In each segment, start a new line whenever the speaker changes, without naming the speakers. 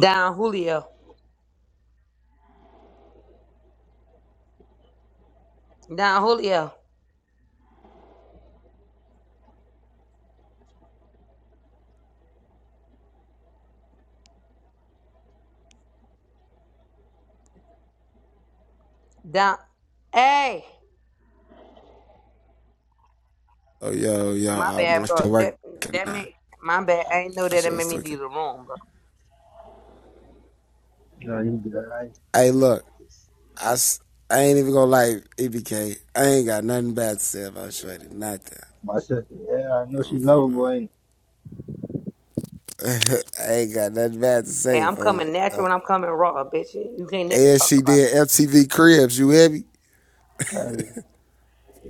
Down Julio. Down Julio. Down. Hey,
Oh, yo, yo,
my
um, I,
bad,
my shit
bro.
working
That that
now. Nah,
made my bad. I ain't know
My
that it
shit
made
was
me
tweaking.
leave the room, bro.
No, you good.
Hey, look, I I ain't even gonna lie, EBK. I ain't got nothing bad to say about Shreddy. Nothing.
my sister, yeah, I know
Oh,
she
for
lovable,
no.
ain't
I ain't got nothing bad to
Hey,
say,
I'm
folks.
coming
Uh,
natural and I'm coming raw, bitch. You can't never
and
talk
she
about
did
me.
MTV Cribs, you hear me?
she? Tell you.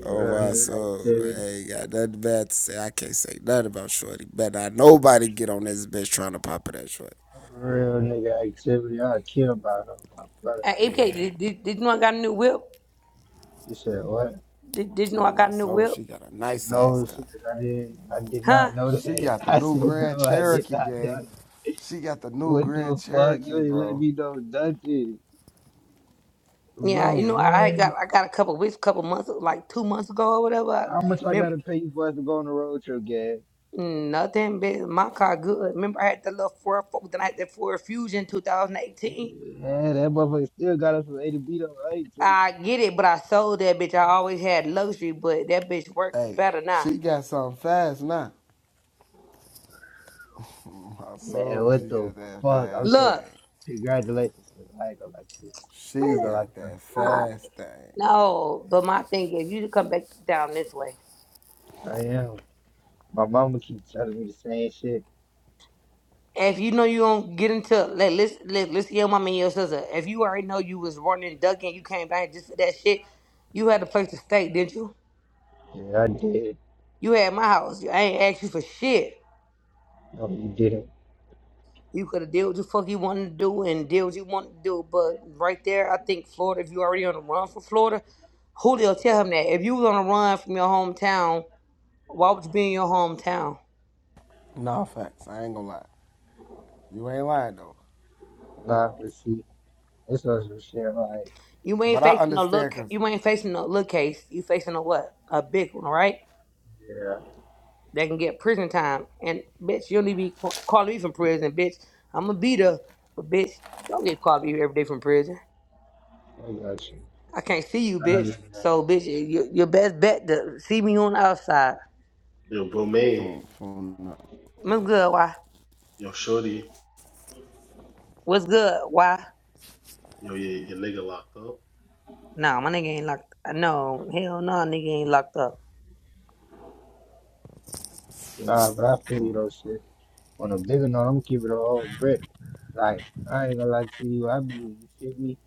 Oh,
Real
my
nigga
soul. I
activity.
ain't got nothing bad to say. I can't say nothing about Shorty. Better not nobody get on this bitch trying to pop it that Shorty.
Real nigga activity. I care about her, my brother.
Hey, APK,
Man,
did, did, did you know I got a new whip?
You said what?
Did, did you know
oh,
I
my
got a new
soul,
whip?
she got a nice ass
No, she-
car.
I didn't. I did
Huh?
not know
She
that.
got the
I
new
said
Grand
no, I did
Cherokee,
not know
gang.
that.
She got the new
What
Grand
the fuck? You
Cherokee,
ain't let
bro.
me know nothing,
Yeah,
bro.
you know I had got
What?
I got a couple weeks, couple months, like two months ago or whatever. I,
How much I
remember,
gotta pay you for us to go on the road trip, gang?
nothing, bitch. My car good. Remember I had the little Ford Focus, then I had that Ford Fusion 2018.
Yeah, that motherfucker still got us from A to B though, right?
I get it, but I sold that bitch. I always had luxury, but that bitch worked
Hey,
better now.
she got something fast now. My
Man,
soul, she
what the
got that
fuck? I'm
fast
so
Look,
thing.
congratulations. 'cause I ain't gonna lie to you.
She
That's
man,
all I
got
can really
that
say.
nah,
fast thing.
no, but my thing is, you should come back down this way.
I am. My mama keeps telling me the same shit.
If you know you don't get into let let's let, let's see your mama and your sister. If you already know you was running, ducking, you came back just for that shit. You had a place to stay, didn't you?
Yeah, I did.
You had my house. I ain't asked you for shit.
No, you didn't.
You could have did what the fuck you wanted to do and did what you wanted to do. But right there, I think Florida. If you already on the run for Florida, Julio, tell him that if you was on the run from your hometown, why would you be in your hometown?
No facts. I ain't gonna lie. You ain't lying though.
Nah, but see, this was some shit. I'm Like,
You ain't
But I
facing no
understand
look.
cause
You ain't facing no look case. You facing a what? A big one, all right?
yeah,
They can get prison time. And bitch, you'll need to be ca- calling me from prison, bitch. I'm gonna be there, but bitch, don't get calling me every day from prison.
I got you.
I can't see you,
I
bitch.
remember that.
So, bitch, you, your best bet to see me on the outside.
Yo, bro, May,
from from no
What's good? Why?
yo, shorty,
What's good? Why?
yo, your, your nigga locked up.
Nah, my nigga ain't locked. No, hell no, nigga ain't locked up.
Nah, but I feel you though, shit. On a bigger note, I'm keeping it all brick. Like, I ain't gonna lie to you. I mean, you feel me?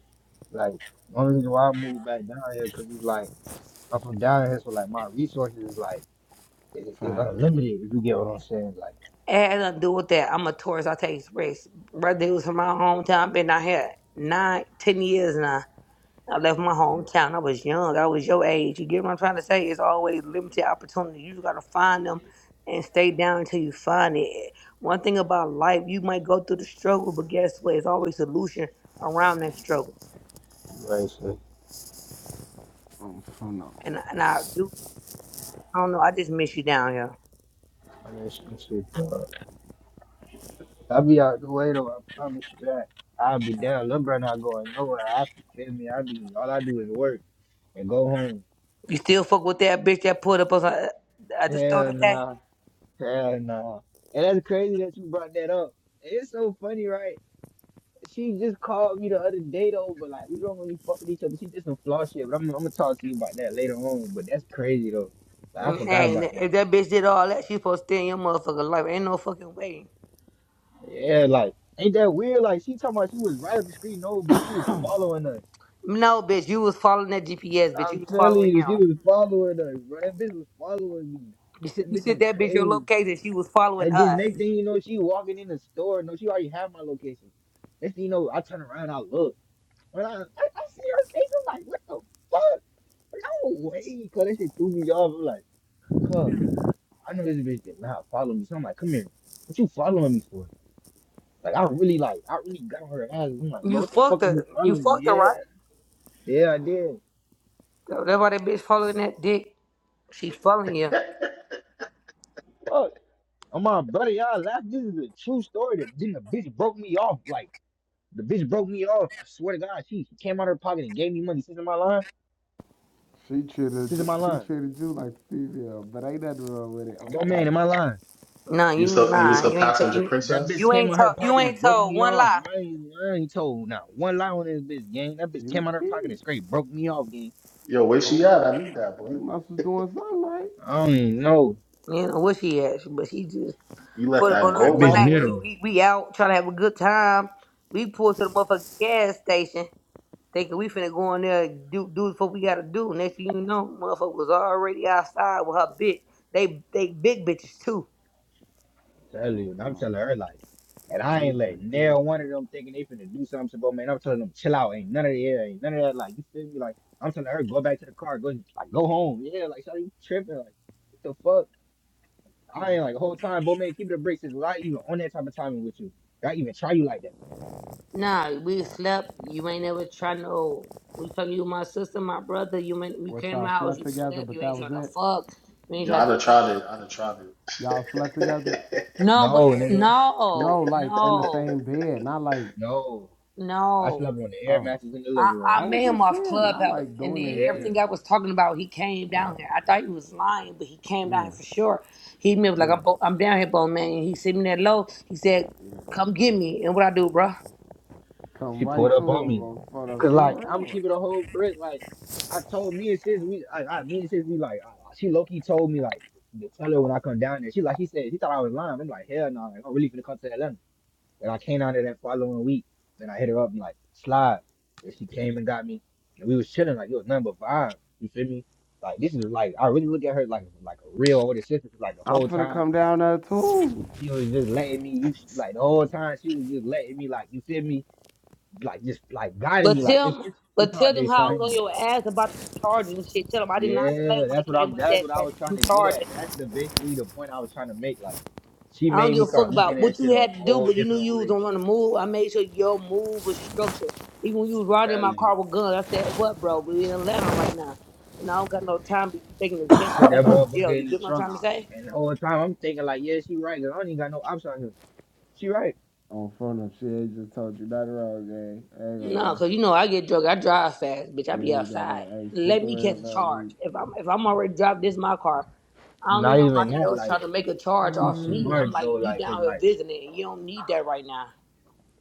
Like, only reason why I moved back down here, cause it's like, I'm from down here, so like, my resources is like. It's, it's
facts.
unlimited if you get what I'm saying. Like,
It had to do with that. I'm a tourist. I take risks. Brother, he was from my hometown. Been out here nine, ten years now. I left my hometown. I was young. I was your age. You get what I'm trying to say? It's always limited opportunity. You just gotta find them and stay down until you find it. One thing about life, you might go through the struggle, but guess what? It's always solution around that struggle.
right? So,
From from no.
And and I do. I don't know. I just miss you down here.
I mean, it's, it's, it's, uh, I'll be out the way though. I promise you that. I'll be down. Little brother not going nowhere. I can feel me. I be all I do is work and go home.
You still fuck with that bitch that pulled up us uh, at the store
Hell
today?
nah. Hell nah. And that's crazy that you brought that up. It's so funny, right? She just called me the other day though, but like we don't really fuck with each other. She did some flaw shit, but I'm, I'm gonna talk to you about that later on. But that's crazy though. Like, I forgot
Hey,
about that.
if that bitch did all that, she supposed to stay in your motherfucking life. Ain't no fucking way.
Yeah, like, ain't that weird? Like, she talking about she was right up the street. No, bitch, she was following us.
No, bitch, you was following that GPS, bitch. You
I'm
was
telling
following
you,
him.
she was following us, bro. That bitch was following me.
You said,
That
you
bitch
said
is
that bitch your
crazy.
location. She was following
And then
us.
next thing you know, she walking in the store. No, she already had my location. Next thing you know, I turn around, I look. When I, I, I see her face, I'm like, what the fuck? No way, cuz that shit threw me off. I'm like, cuz, I know this bitch did not follow me. So I'm like, come here. What you following me for? Like I really like I really got on her ass. I'm like, bro,
You
what the fuck
fucked
are you
her. You
following?
fucked her,
Yeah,
right?
yeah, I did.
So That's why that bitch following that dick. She following you.
Fuck. i my brother, y'all laugh. This is a true story. That then the bitch broke me off. Like the bitch broke me off. I swear to God, she, she came out of her pocket and gave me money. She's in my line.
She treated
She's in my
she
line.
treated you like a female, but ain't nothing wrong with it. Oh
No
for
man
the
in my line.
No,
You was
you ain't
her, you was her
lying. You ain't ta-
passenger
you,
That bitch
princess.
you
came out
ain't
of her
told you
pocket and
ain't
broke
told
me
one
off.
lie.
I ain't, I ain't told not one lie on this bitch, gang. That bitch
you
came out of her pocket
pee.
and straight broke me off, gang.
Yo, where she
Oh
at?
for
I need
no.
that
You
boy.
must was doing something right.
I don't even know.
You know what she asked, but she just
You let
put up
that
on
That
us
go,
one
my
bitch
night.
boy.
We
knew.
we we out trying to have a good time. We pulled to the motherfucking gas station. thinking we finna go in there and do do what we gotta do. Next thing you know, motherfucker was already outside with her bitch. They they big bitches too.
Tell
Oh
you, and
for
I'm
no.
telling her like, and I
Let me
ain't letting
take these.
nail one of them thinking they finna do something But man. I'm telling them chill out, ain't none of the air, ain't none of that. Like you feel me? Like I'm telling her go back to the car, go like go home. Yeah, like shawty, you tripping? Like what the fuck? I
oh,
ain't like the
it's too
whole time, but man, keep the brakes. Is I even on that type of timing with you? Did I even try you like that?
Nah, we slept. You ain't never try no. We talking you my sister, my brother. You ain't, we
What
came to my
y'all
house.
slept
You
together,
slept.
but
You
that
ain't
was
trying to
it.
fuck. You ain't
Yo,
trying to
I'd have
do nothing.
tried it. I'd have tried
Y'all slept together?
it.
No, but
No, nigga,
no,
No, like in the
no,
same bed. Not like
no. I slept
no.
on the air
oh,
mattress in the living
I, I
I
room,
met
was
but
him
just
off
saying, not
Clubhouse,
like
and
doing
then
yeah.
anything.
everything I was talking about, he came down here. I thought he was lying, but he came down here for
Yeah,
sure. He me was like,
yeah,
I'm, bo- I'm down here, bone man. And he sent me that low. He said,
yeah.
Come get me. And what I do, bruh?
Come
She
right
pulled
to
up on
her,
me.
front up,
Cause
she a
like I'm going
real
to
one.
keep it a whole brick. Like I told me and sis, we I, I me and sis, we like uh, she low key told me like to tell her when I come down there. She like she said she thought I was lying. I'm like hell no, like, I'm really finna come to Atlanta. And I came down there that following week. Then I hit her up and like slide. And she came and got me. And we was chilling like it was nothing but vibe. You feel me? Like this is like I really look at her like like a real older sister. 'cause, Like the
I'm
whole
finna
time
come down there too.
she was just letting me. You like the whole time she was just letting me like you feel me like just like guiding
But
me like it's
tell
it's,
but
it's
tell
hard to
them how I was on
Facts.
explain.
your ass about them charges and shit. Tell them I did not play
Yeah,
when it
that's what
came
I'm
about
that's
that,
what I
that
was trying
them
to get at.
charges.
That's the basically the point I was trying to make. Like she
I don't
made
give
me
a fuck
start looking
about
at
what you
shit a
had to do,
whole
but you knew
different
you was
way.
on the move. I made sure your move was structured. Even when you was riding in my
Telling you,
car with guns, I said, "What, bro? We in Atlanta right now, and I don't got no time to be taking the chance.
put
You
that
go to jail.
motherfucker
You
in the
get what I'm
trunk
trying to
out.
say?
And the whole time I'm thinking like, yeah, she right, cause I don't even got no option out here. She right.
On front up, she ain't just told you nothing wrong, gang. I ain't gonna
No,
lie.
cause you know I get drunk. I drive fast, bitch. I be
You ain't got
outside.
no ain't shit
Let
to
me
worry
catch a
about.
charge.
We
If I'm if I'm already driving this my car, I don't need
Not even
nobody
that,
else trying
like
to make a charge
she's
off me. I'm
smart
like,
though,
you
Like cause
down here
like
visiting, and you don't need that right now.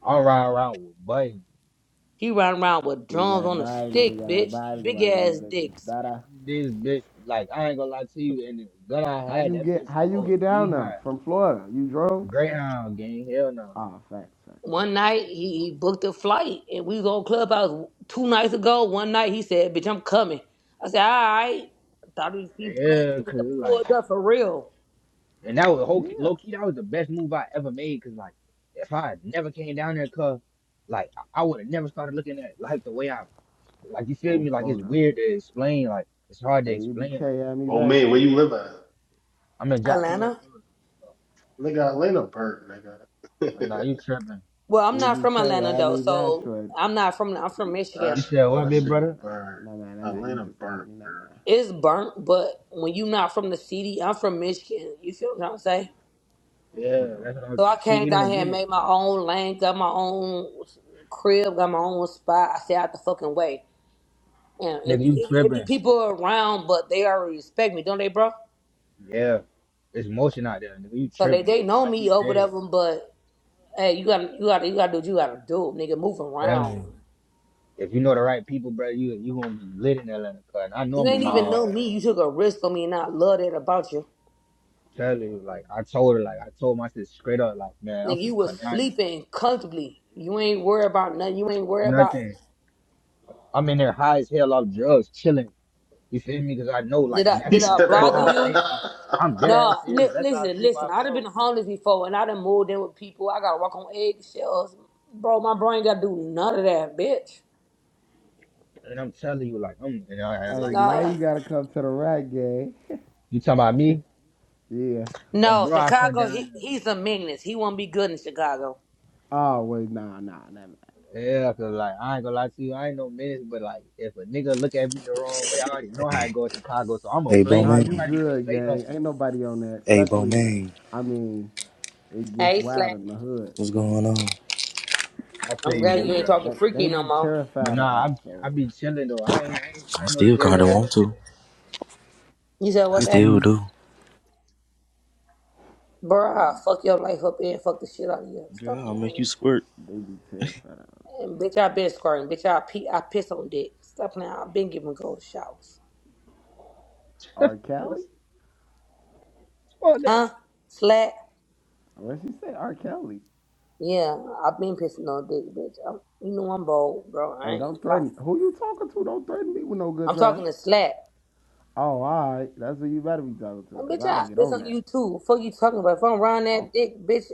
I ride around with buddy.
He riding around with
we
drums
got
on a
Biden, we
stick,
got
bitch.
Biden, we
Big
got these
ass
niggas.
dicks.
This bitch, like I ain't gonna lie to you, and the gun I
How
had,
you
that
get
bitch
how you
oh,
get down
OD
there
high.
from Florida? You drove?
Greyhound gang, hell no.
Ah, facts, facts, facts.
One night he, he booked a flight and we was on Clubhouse two nights ago. One night he said, Bitch, I'm coming. I said, All right. I thought he'd be playing.
Yeah,
He
cause
done
like,
pulled up for real.
and that was whole
Yeah.
low key. That was the best move I ever made. Cause like, if I had never came down there, cause like I would have never started looking at life the way I like. You feel
On
me? Like it's
phone now.
weird to explain. Like it's hard to
Abk,
explain. Like
EBK had me
bro,
back
May, where
short.
you live at?
I'm in Jacksonville.
Atlanta?
Florida.
Nigga, Atlanta burnt,
Oh, Nah,
nigga.
you tripping?
Well, I'm not from
EBK
Atlanta
had
though,
me back
so
short.
I'm not from I'm from
that,
You
Michigan.
sh-
said what,
that
Ah,
big
nah,
shit
man,
brother?
nah, man.
burnt.
Nah, man, nah, man.
Atlanta
You just added
burnt,
me, nah,
bro.
man.
It's burnt, but when you not from the city, I'm from Michigan. You feel what I'm saying?
Yeah,
Oh, yo, I
that's what I'm.
So
got
I
a
She
came
he
thousand.
down
don't
here
get
and
it,
made my own lane, got my own crib, got my own spot. I stay out the fucking way. And if
nigga.
if
You
it be
tripping?
people around, but they already respect me, don't they, bro?
Yeah, it's motion out there, nigga. You
So they,
tripping?
they know
Like you
me or whatever.
said,
But hey, you gotta you gotta you gotta do what you gotta do, nigga. Move
telling
around.
you. If you know the right people, bro, you you gonna be lit in Atlanta, cause I know
You
I'm gonna
ain't
be lit
even
in
Nah.
know
Atlanta.
me. You took a risk on me, and I love that about you,
Tell you, like I told her, like I told my sister straight up, like man, I'm
nigga. You
finna
was
cut down
sleeping comfortably. You ain't worry about nothing. You ain't worry about
nothing. I'm in there high as hell off drugs, chilling. You feel me? Because I know,
On
like
did I
that's
He
did
phone
what,
I
like
said,
that's
bother
how
you?
safe I. I'm dead ass
Nah,
serious.
li-
That's how
listen,
safe I
listen. I'd have been
felt.
homeless before, and I'd have moved in with people. I gotta walk on eggshells, bro. My brain gotta do none of that, bitch.
And I'm telling you, like I'm, and I,
now.
and
Hey,
like
now
like
you
Nah.
gotta come to the right, gang.
you talking about me?
yeah.
Um,
No,
bro, I cut
Chicago, he,
down. to-
he's a meanness. He won't be good in Chicago.
Oh, wait, nah, nah, nah, man.
Yeah, cause like I ain't gonna lie to you, I ain't no menace, but like if a nigga look at me the wrong way, I already know how it goes in Chicago, so I'm a
Hey,
flame
Nah,
him. I'm
you
Bowman.
not even gonna
good,
say
gang.
nothing.
Ain't nobody on that,
Hey,
especially, not,
Bowman.
I mean, it gets
Hey,
wild
Slant.
in the hood,
What's
but
going on?
I feel
I'm
you,
glad you
they,
big
ain't
brother.
talking
they, they
freaky no
be
more.
But
terrified of
nah,
us,
I I
so
be chilling though. I ain't I ain't,
i
I ain't no
still kinda
scary ass little
want to.
nigga.
You said
I
what,
You feel
that?
still
me?
do.
Bruh,
they be,
I'll fuck your life up and fuck the shit out of you. Stop
Girl, I'll
playing with
make you
me.
squirt.
they be terrified of us.
And bitch, I been squirting. Bitch, I, pee, I piss on dick. Stop playing. I've been giving cold showers.
R. Kelly?
Fuck no.
Huh? Slat?
What she said R. Kelly.
Yeah, I've been pissing on dick, bitch. I'm, you know I'm bold, bro. I
Hey,
ain't gonna
don't
lie.
threaten. Who you talking to? Don't threaten me with no good
I'm
time.
talking to Slat.
Oh, all right. That's who you better be talking to,
And
because
bitch,
I
I
get
piss
on
on
that.
you too. Fuck you talking about? If I'm around
Oh,
that dick, bitch,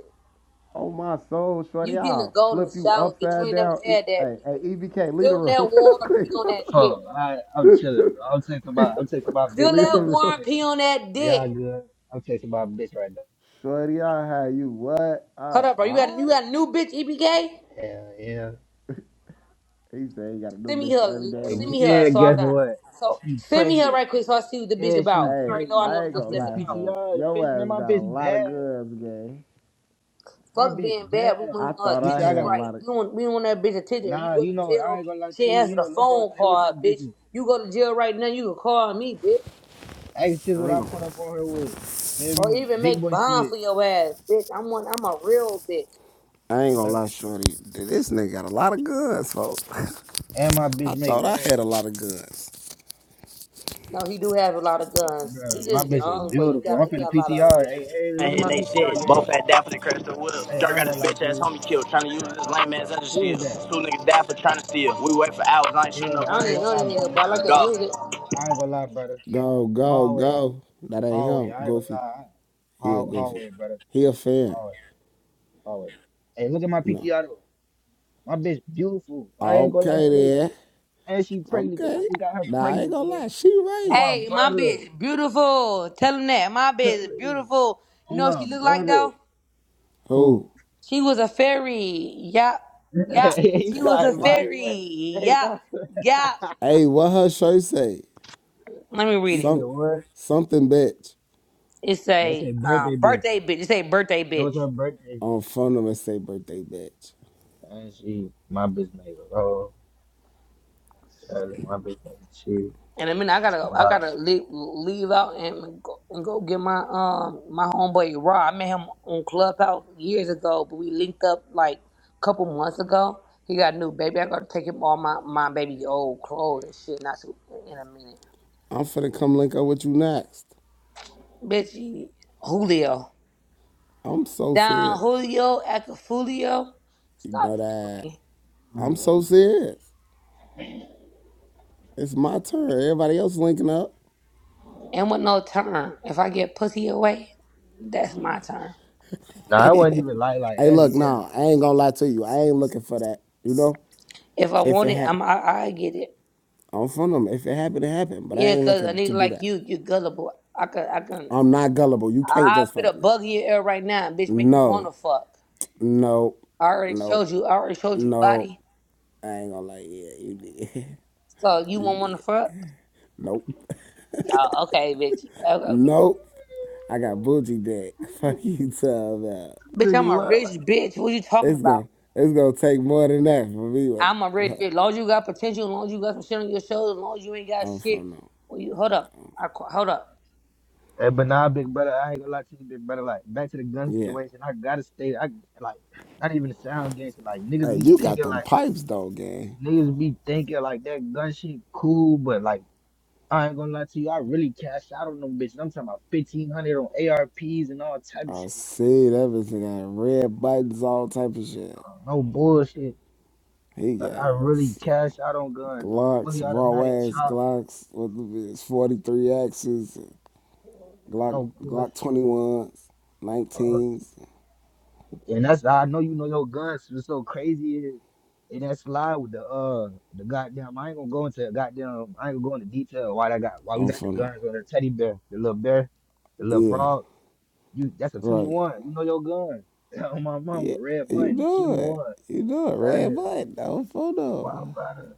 oh, my soul,
You
shorty.
getting a
I'll
golden
flip you
shower, bitch. You
upside
ain't never
down. E-
had that.
hey, hey,
Bitch.
EBK, leave the
Film that
room real
war and
quick.
pee on that dick.
Fuck, I I'm chilling, bro. I'm texting my I'm texting my bitch
Fill
leave
right
the
that
now.
war
room.
and
Alright,
pee on that
Y'all
dick.
good? I'm texting my bitch right now.
Shorty, I had you what?
Hold
Uh,
up, bro. You got
all
you
right.
got a new bitch, EBK?
Yeah, yeah.
He said he got a new
Send me
bitch for
her.
every day of the
And,
Send
week.
me her
and
so I
guess
can.
what?
So
She
send me her
pregnant.
right quick so I see what the bitch
Yeah, she
about. You
Hey,
already know I
pregnant.
I
know the
ain't
I'm
bitch
gonna
putting
that's
the
lie,
about.
PTR.
folks.
The
Your
bitch,
ass
man, my
got a
bitch
lot of
bad.
goods, gang.
My
Fuck
bitch
being bad. We
bad.
I
want her
thought
You see,
I
I
had
titties
a
got
right.
lot of.
We want we want that bitch a titty. Or you
nah.
go
You
to
know, I
jail.
ain't gonna lie to
She
you.
answer
You
the
know, little bro,
phone
stay with
call,
them
bitch.
bitches.
You go to jail right now. You can call me, bitch,
Ain't shit
I
what
ain't
I
gonna
put up on her with. Feel
or
me?
even
Big
make
boy
bond for
shit.
your ass, bitch. I'm one. I'm a real bitch.
I ain't gonna
Uh,
lie, Shorty. This nigga got a lot of guns, folks.
And my bitch
I
make
thought I
roll.
had a lot of guns.
No, he do have a lot of guns. He
Bruh, my
just
bitch is
young, but he got
beautiful. I'm
he
finna
got a lot of other
PTR.
bitches.
Hey, hey,
and
look at
hitting
my
they shit.
PTR game.
Both had down for the crash the wheels.
Hey,
Dirk
I ain't
got his
gonna lie
bitch
to
ass
you.
homie killed, trying to use his lame ass as a
Who is
shield.
that?
Two niggas died for trying to steal. We wait for hours, I ain't shooting
Yeah,
no
I
I
don't
ain't
even
gonna
know
cribs.
the
lie,
nigga, but
brother.
I like the
Go.
music.
I ain't gonna lie, brother.
Go, go,
Hallway,
go. That ain't
hallway.
him.
I ain't gonna
Goofy.
lie.
Yeah,
Hall,
Goofy.
hallway, brother.
He a fan.
Hallway, hallway. Hey, look at my
No.
PTR. though. My bitch beautiful. I ain't gonna lie
Okay
to you.
then.
And she pregnant. gang. I
Okay.
just got her
Nah, I ain't
pregnant,
gonna
gang.
lie. She
Oh
right.
my
Hey, my
brother.
bitch, beautiful. Tell him that. My bitch is beautiful. You
Oh
know what she
my
look like
brother.
though?
Cool.
Who?
She was a fairy. Yep. Yep.
hey, he's
She was
not
a
invited
fairy.
yet. Hey,
Yep.
stop.
Yep.
Hey, what her shirt say?
Let me read
You
it.
said
Some
what?
something bitch.
It
They
say
said
uh,
birthday bitch.
birthday bitch. It say birthday
It was
bitch.
her birthday.
On phone number say birthday bitch.
And she, my bitch made a roll. Charlie, my bitch made a cheese.
And I mean, I
She
gotta, I
bought
gotta leave, leave out and go, and go get my um my homeboy Raw. I met him on Clubhouse years ago, but we linked up like a couple months ago. He got a new baby. I gotta take him all my my baby old clothes and shit. Not too, in a minute,
I'm finna come link up with you next.
bitch. you- Julio,
I'm so
Don
serious.
Julio, Acafulio.
You know
Stop playing with
that.
me.
I'm
it.
so serious. It's my turn. Everybody else linking up.
And with no turn. If I get pussy away, that's my turn.
Nah, I wasn't even like like
Hey,
that.
look,
Yeah,
nah, I ain't gonna lie to you. I ain't looking for that. You know,
If I
if
want
it
it,
happened,
I'm I, I get it.
I'm from them. If it happened, it happened. But I
Yeah,
ain't
cause a
looking to
nigga
do
like
that.
you, you gullible. I can, I can,
I'm not gullible. You
I
can't
I
just
put a
fuck me.
bug in your ear right now, and bitch. Make you wanna
No,
fuck.
no,
I already
no,
showed you. I already showed you
no.
body.
I ain't gonna lie. Yeah, you did.
So you
you
won't wanna
did.
fuck.
Nope.
Oh, okay, bitch. Okay, okay.
Nope. I got bougie dick. Fuck you, tell that.
bitch.
Took a
I'm a
lot.
rich bitch. What you talking
It's
about?
gonna, it's gonna take more than that for me.
I'm a rich bitch. long as you got potential, long as you got some shit on your shoulders, long as you ain't got
I'm
shit.
from them.
Well, you hold up. I qu- hold up.
Hey, but nah, big brother, I ain't gonna lie to you, big brother. Like back to the gun
Yeah.
situation, I gotta stay. I like not even the sound gangster. Like niggas
Hey,
be
you got
thinking
them
like
pipes though, gang.
niggas be thinking like that gun shit cool, but like I ain't gonna lie to you, I really cashed out on them bitches. I'm talking about fifteen hundred on ARPs and all type of
I
shit. like,
see everything. Got red buttons, all type of shit.
No bullshit.
He
I
got
I really cash out on guns, like
Glocks,
fully
raw
automatic
ass
chop.
Glocks What the his forty three axes, Glock
No
Glock
bullshit.
twenty ones,
Uh,
nineteens.
And that's how I know you know your guns. so It's so crazy. Is. And that's live with the uh the goddamn. I ain't gonna go into goddamn. I ain't gonna go into detail why that got why we
I'm
got the
from
guns on the teddy bear, the little bear, the
the
little
yeah,
frog. You that's a twenty
right.
one. You know your gun. On my mama,
Yeah,
red
you
button,
know
twenty
it.
one.
You know it.
That
Red
is
button. I'm from
my
the-
brother.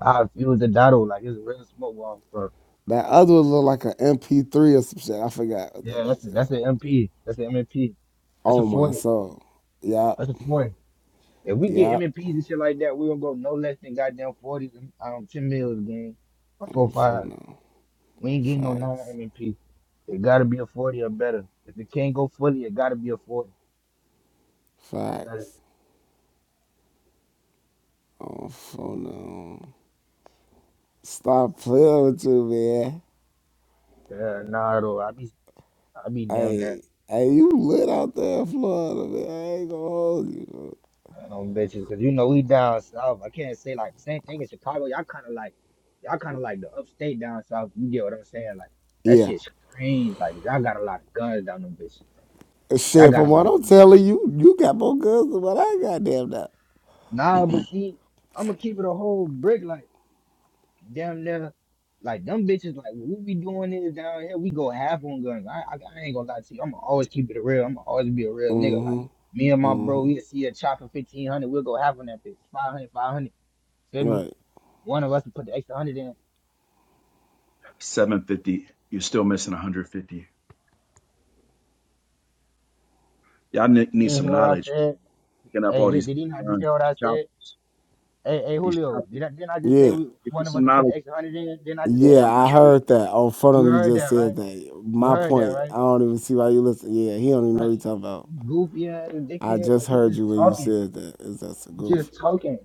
I feel the dotto like it's real smoke off,
That other one look like an MP3 or some shit. I forgot what that
Yeah, that's
bitch
the, that's
called.
the MP. That's the MMP. That's a
Oh my
40.
soul. Yup.
That's a 40. If we get
Yup.
MMPs and shit like that, we gonna go no less than goddamn 40, um, 10 mils a game or 4
I'm
5.
from them.
We ain't getting no 9
Facts.
MMP. It gotta be a 40 or better. If it can't go 40, it gotta be a 40. So,
Facts. Oh, phone on. Stop playing with you, man.
Uh, nah, though. I be, I be down there.
Hey, hey, you lit out there in Florida, man. I ain't gonna hold you. bro.
um bitches because you know we down south. I can't say like the same thing in Chicago. Y'all kind of like y'all kind of like the upstate down south. You get what I'm saying? Like that
Yeah.
shit's crazy. Like y'all got a lot of guns down them bitches. Y'all
Shit,
got a
from
lot
what I'm
of
telling you, you got more guns than what I got damn now.
nah. But see, I'm gonna keep it a whole brick. Like damn near. Like them bitches, like what we doing is down here, we go half on guns. I, I, I ain't gonna lie to you. I'ma always keep it real. I'ma always be a real nigga. Like
Mm-hmm.
me and my bro,
Mm-hmm.
we see a chopper fifteen hundred, we'll go half on that bitch. 500, 500. Feel me?
Right.
One of us will put the extra hundred in.
750. You're still missing 150. Y'all ne-
You
need some
hear what I
knowledge.
said?
Picking up
Hey,
all
did,
these
did
big
he not just
guns,
hear what
these
I said?
choppers,
Hey, hey,
these
Julio,
choppers.
did I, didn't I just say
Yeah.
we
Get you
one of us
some
to put the
knowledge.
extra hundred in? Didn't I just say that?
Yeah, I heard that. On front
You
of you
heard
just
that, right?
said that.
You
My
heard that,
point.
right?
I don't even see why you listen. Yeah, he don't even know
Like,
what you talking about.
goofy ass
I
dickhead,
just
like you
heard
just
you when you
talking,
said that. Is that's a
you
goof.
just talking.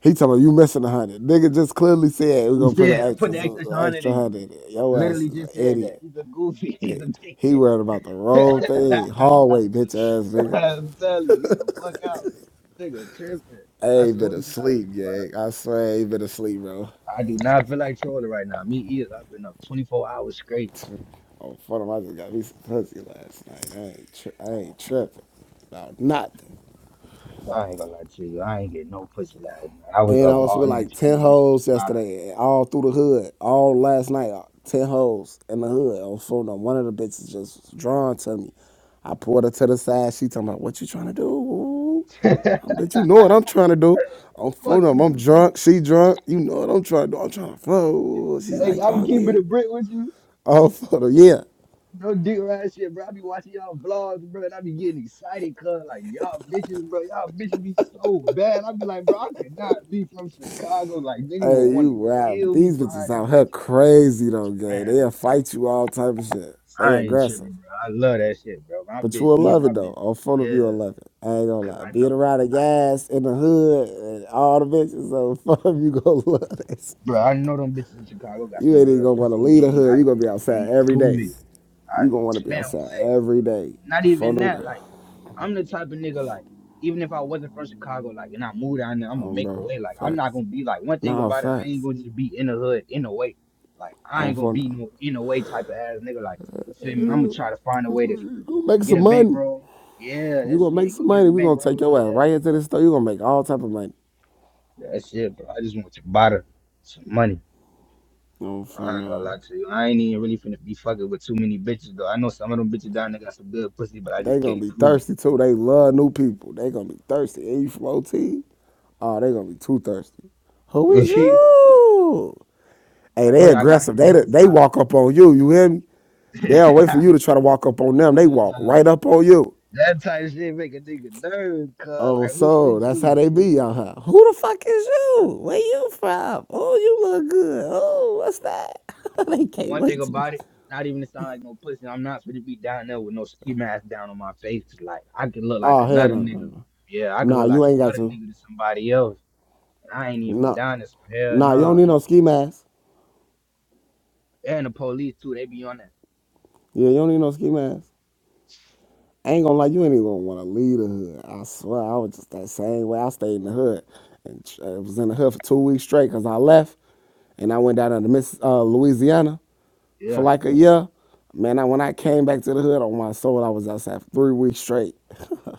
He talking about you missing a hundred. Nigga just clearly said we're gonna put
Instead,
an
put the extra
extra,
hundred
extra
in.
hundred. in it. Your ass
Literally
is an
just said that.
idiot.
He's a goofy. He's a
Hey, He
dickhead.
worried about the wrong thing. Hallway bitch ass nigga.
I'm telling you, get the fuck out, nigga. Tripping.
I
I
ain't been
swear to God,
asleep,
bro.
gang. I swear I ain't been asleep, bro.
I do not feel like trolling right now. Me either. I've been up 24 hours straight.
Oh, fuck him! I just got me some pussy last night. I ain't tri- I ain't tripping about nothing.
I ain't gonna lie to you. I ain't getting no pussy last night. I was
And I
up
was
all
with
night
like
trying to
10
do
hoes yesterday, all through the hood, all last night. uh, 10 hoes in the hood. I was fooling them. One of the bitches just was drawn to me. I pulled her to the side. She talking about, what you trying to do?
some survivor.
I bet you know what I'm trying to do. I'm fooling
Fuck
them.
you.
I'm
bro.
drunk. She drunk. You know what I'm trying to do. I'm trying to flow. She's
Hey,
like,
I can
oh,
keep it
yeah.
a brick with you.
Oh, for the yeah.
No dick around shit, bro. I be watching y'all vlogs, bro, and I be getting excited, cuz, like, y'all bitches, bro, y'all bitches be so bad. I be like, bro, I could not be from Chicago. Like, niggas would
Hey,
want
you
to
wow.
kill me
These
behind
bitches out
them
here
bitches.
crazy though, gay.
Man,
They'll fight you all type of shit. They
I ain't
aggressive.
tripping, bro. I love that shit, bro. My
But you
bitch,
will
me and
love
my
it though.
bitch,
On front of
yeah.
you will love it. I ain't gonna
Cause
lie.
I know.
Being around the guys in the hood and all the bitches on front of you gonna love this.
Bro, I know them bitches in Chicago got
You
some
ain't even gonna
good
wanna
pussy
leave the
gang.
hood.
I
You gonna
just
be outside
can't
every
prove
day.
it. I,
You gonna wanna be
man,
outside
what?
every day.
Not
Phone
even
them
that.
guys.
Like, I'm the type of nigga, like, even if I wasn't from Chicago, like, and I moved down there, I'm gonna
Um
make a
bro.
way. Like, I'm not
Facts.
gonna be like, one thing
Nah,
about it, I ain't
facts.
gonna just be in the hood, in the way. Like, I
On
ain't gonna
phone
be
now.
no in the way type of ass nigga. Like, you feel me? I'm gonna try to find a way to
You gonna make
get
some
a
money.
bankroll. Yeah,
You
that's
gonna make
it. Go
some
get a
money. We gonna take
bankroll.
your
Yeah.
ass right into the store. You gonna make all type of money.
That's it, bro. I just want to bother some money.
On
I
phone
ain't gonna
now.
lie to you. I ain't even really finna be fucking with too many bitches though. I know some of them bitches down there got some good pussy, but I
They
just
gonna
can't
be
prove it.
thirsty too. They love new people. They gonna be thirsty. And you flow T? Oh, they gonna be too thirsty. Who is you? Hey,
I know
they
y'all got
aggressive. They
a good time.
they walk up on you. You hear me? They don't wait for you to try to walk up on them. They
Good
walk
time.
right up on you.
that type of shit make a nigga nervous, cuz
Oh,
like who
so
sent
that's how
you?
they be out here. Who the fuck is you? Where you from? Oh, you look good. Oh, what's that? they
And
can't
one thing
wait to do.
about it, not even to sound like no pussy, I'm not finna be down there with no ski mask down on my face. Like I could look like
Oh hell
another
no no
nigga.
no.
Yeah, I could
Nah,
look like
you ain't got
another
to.
nigga to somebody else. I ain't even from
Nah,
down there, so hell
nah, you don't
nah.
need no ski mask.
And the police too, they be on that.
Yeah, you don't need no ski mask. I ain't gonna lie, you ain't even gonna wanna leave the hood. I swear, I was just that same way. I stayed in the hood and tr- I was in the hood for two weeks straight because I left and I went down to Miss uh, Louisiana
Yeah.
for like a year. Man, I, when I came back to the hood on my soul, I was outside for three weeks straight.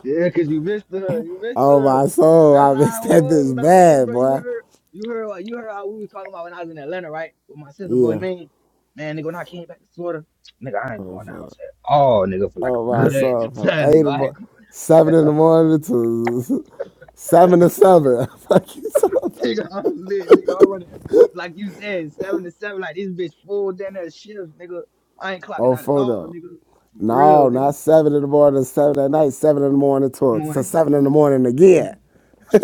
Yeah, cause you missed the hood. You missed the
Oh
hood.
my soul,
That's
I missed
how I
that
was when
bitch
I came,
bad,
bro. You
boy.
heard, you heard what you heard how we was talking about when I was in Atlanta, right? With my sister boy
Yeah.
man. Man, nigga, when I came back to Florida, nigga, I ain't
Oh
going to the
my
house at all, nigga, for like a
oh, my
good
soul,
just
from
tell
eight in
you,
the
I
mor-
ain't-
seven in the morning to seven to seven. Fuck you, soul.
nigga, I was lit, nigga, I running like you said, seven to seven, like this bitch full down there shift, nigga. I ain't clocking
Oh,
out at all,
photo.
nigga. For real,
No,
nigga.
not seven in the morning, seven at night, seven in the morning to, to
Morning,
seven in the morning again.
morning.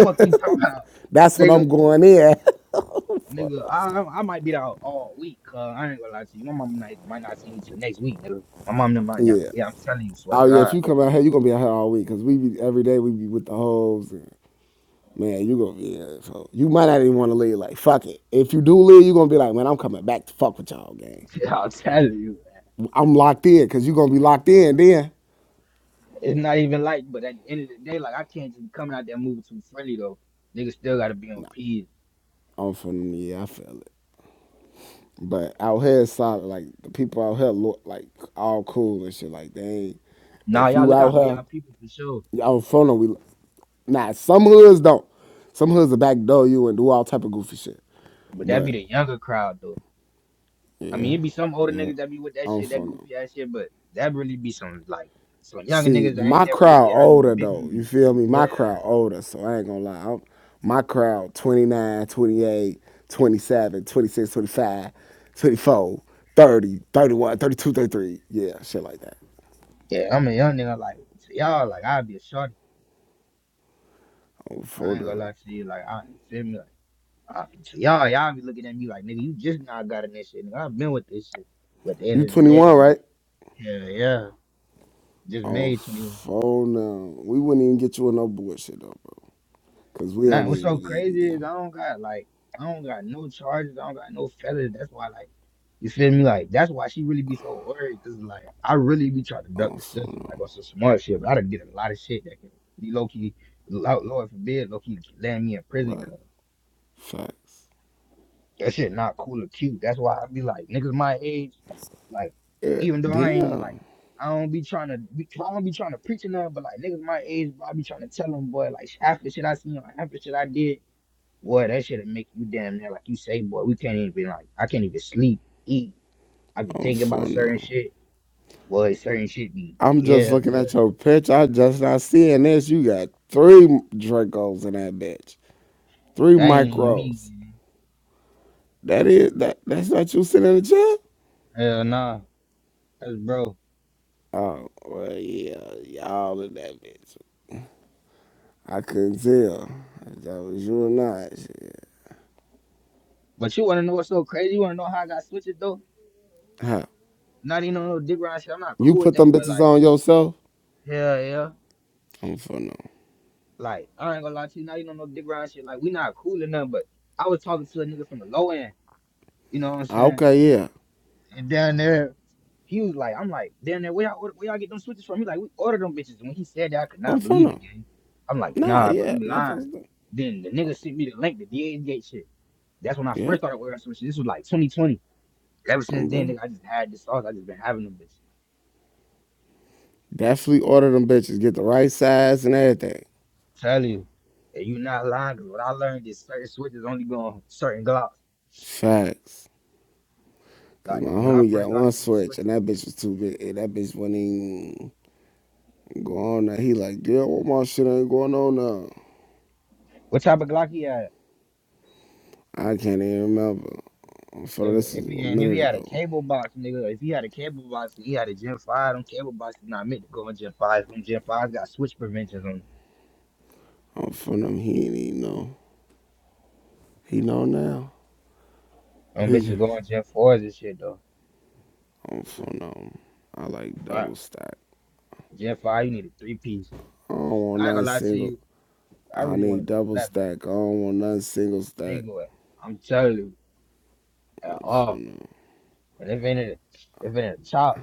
What the fuck you talking about,
That's when
nigga?
I'm going in.
Nigga, I I I might be out all week. Cause I ain't gonna lie to you. My mom might, might not see me till next week, nigga. My mom done might not.
yeah.
Yeah, I'm telling you, swear to
Oh yeah, if
God.
you come out here, you gonna be out here all week because we be every day we be with the hoes and man, you gonna be yeah, so you might not even want to leave. Like fuck it, if you do leave, you gonna be like, man, I'm coming back to fuck with y'all, gang.
Yeah, I'm telling you. man.
I'm locked in because you gonna be locked in then.
It's not even like, but at the end of the day, like I can't just be coming out there moving too friendly though. Niggas still gotta be on
Nah,
P's.
I'm from yeah, I feel it. But out here, it's solid. Like the people out here look like all cool and shit. Like they ain't.
Nah,
If
y'all
you
look out for
out
y'all people for sure.
here, out in front of we. Nah, some hoods don't. Some hoods will backdoor you and do all type of goofy shit.
But that
But
be the younger crowd though. I
yeah,
mean, it be some older
yeah,
niggas that be with that
I'm
shit, that
from them.
goofy ass shit, but that really be some like some younger
See,
niggas that ain't
my
never really
crowd
had no
older
big
though. You
homies.
feel me?
Yeah,
My crowd older, so I ain't gonna lie. I'm, my crowd 29, 28, 27, 26, 25, 24, 30, 31, 32, 33. Yeah, shit like that.
yeah. I'm a young nigga like to y'all, like I'd be a shorty.
I'm
I
from
ain't
them.
gonna lie to you. Like, I you feel me. Like, I, to y'all, y'all be looking at me like, nigga, you just now got in this shit. Nigga, I've been with this shit. But at the
You
end of the day,
21,
it's like,
right?
yeah, yeah, just
Oh,
made 21.
phone now. We wouldn't even get you on no bullshit though, bro. Cause we
And I,
don't
what's
even
so
really even be
crazy is
on.
I don't got like, I don't got no charges. I don't got no feathers. That's why, like, you feel me? Like, that's why she really be so worried. Cause like, I really be trying to duck
Oh,
the
phone
system. Like,
now.
on some smart shit. But I done get a lot of shit that can be low key, Lord forbid, low key land me in prison.
Right.
Cause
Facts.
that shit not cool or cute. That's why I be like, niggas my age. Like,
Yeah,
even though I ain't like,
damn.
I don't be trying to, be, I don't be trying to preach or nothing, but like niggas my age, bro, I be trying to tell them, boy, like half the shit I seen, like half the shit I did, boy, that shit'll make you damn near like you say, boy, we can't even like, I can't even sleep, eat. I be
Oh,
thinking about
phone
certain
now.
shit, boy, certain shit be,
I'm just
yeah,
looking
boy,
at your picture. I just not seeing this. You got three Dracos in that bitch. Three
that ain't even me.
micros.
gang.
That is that. That's not you sitting in the chair.
Hell nah, that's bro.
Oh, well, yeah, y'all in that bitch. I couldn't tell if that was you or not. Shit.
But you wanna know what's so crazy? You wanna know how I got switches though?
Huh.
Not even on no dick ride shit. I'm not
You
cool with
put
them,
them
but
bitches
like,
on yourself?
hell yeah.
I'm for no.
Like, I ain't gonna lie to you, not even on no dick riding shit. Like, we not cool or nothing, but I was talking to a nigga from the low end, you know what I'm saying?
Okay, yeah.
And down there, he was like, I'm like, down there, where y'all, order- where y'all get them switches from? He like, we ordered them bitches. And when he said that, I could
I'm
not
for
believe
no.
it, gang. I'm like,
Nah,
nah, bro,
yeah,
you lying.
motherfuckers. do.
Then the nigga sent me the link, the da gate shit. That's when I
Yeah,
first started wearing switches. This was like 2020. Ever
I'm
since then,
bro.
nigga, I just had this sauce. I just been having them bitches.
Definitely order them bitches. Get the right size and everything.
Tell you, and you not lying, 'cause what I learned is certain switches only go on certain glocks.
Facts. Cause
Like,
my
cause when I
homie got
first
one
started getting
switch
switches.
and that bitch was too big. And that bitch wasn't even go on there. He like, yeah, what my shit ain't going on now.
What type of Glock he had?
I can't even remember. I'm for this
If,
is
if
a
he and if he
minute
had a
ago.
cable box, nigga, if he had a cable box, and he had a Gen Five. Them cable boxes not meant to go in Gen Fives. Them Gen Fives got switch preventions on.
I'm for now. He ain't even know. He know now.
Them Them bitches go in Gen Fours and shit though.
I'm for now. I like
Alright,
double stack.
Gen Five, you need a three piece.
I don't want
I ain't
nothing
gonna lie to
single.
you. I
I
really want to
need
go
double
flatback,
stack. I don't want nothing single stack.
single. wheel. I'm telling you, at all.
no.
And if it ain't if it ain't a chop,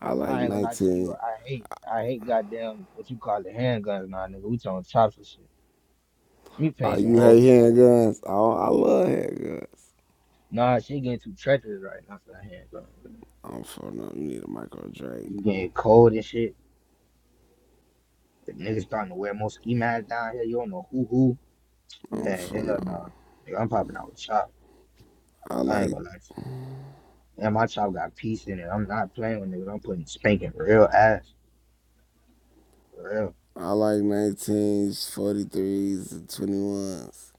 I like
I ain't gonna lie to you.
19.
I hate I hate goddamn what you call the handguns now, nigga. We talking chops and shit. Me
Oh,
paint some
you
holes
hate
in it.
handguns? Oh, I love handguns.
Nah, shit getting too treacherous right now for that hand, bro.
I'm for no. You need a micro Drake.
It's getting cold and shit. The niggas starting to wear more ski masks down here. You don't know who who.
I'm
Man,
for
hell
no.
no. Nigga, I'm popping out with chop.
I
I ain't
like
gonna lie to you. And my chop got peace in it. I'm not playing with niggas. I'm putting spanking for real ass. For real.
I like 19s, 43s, and 21s.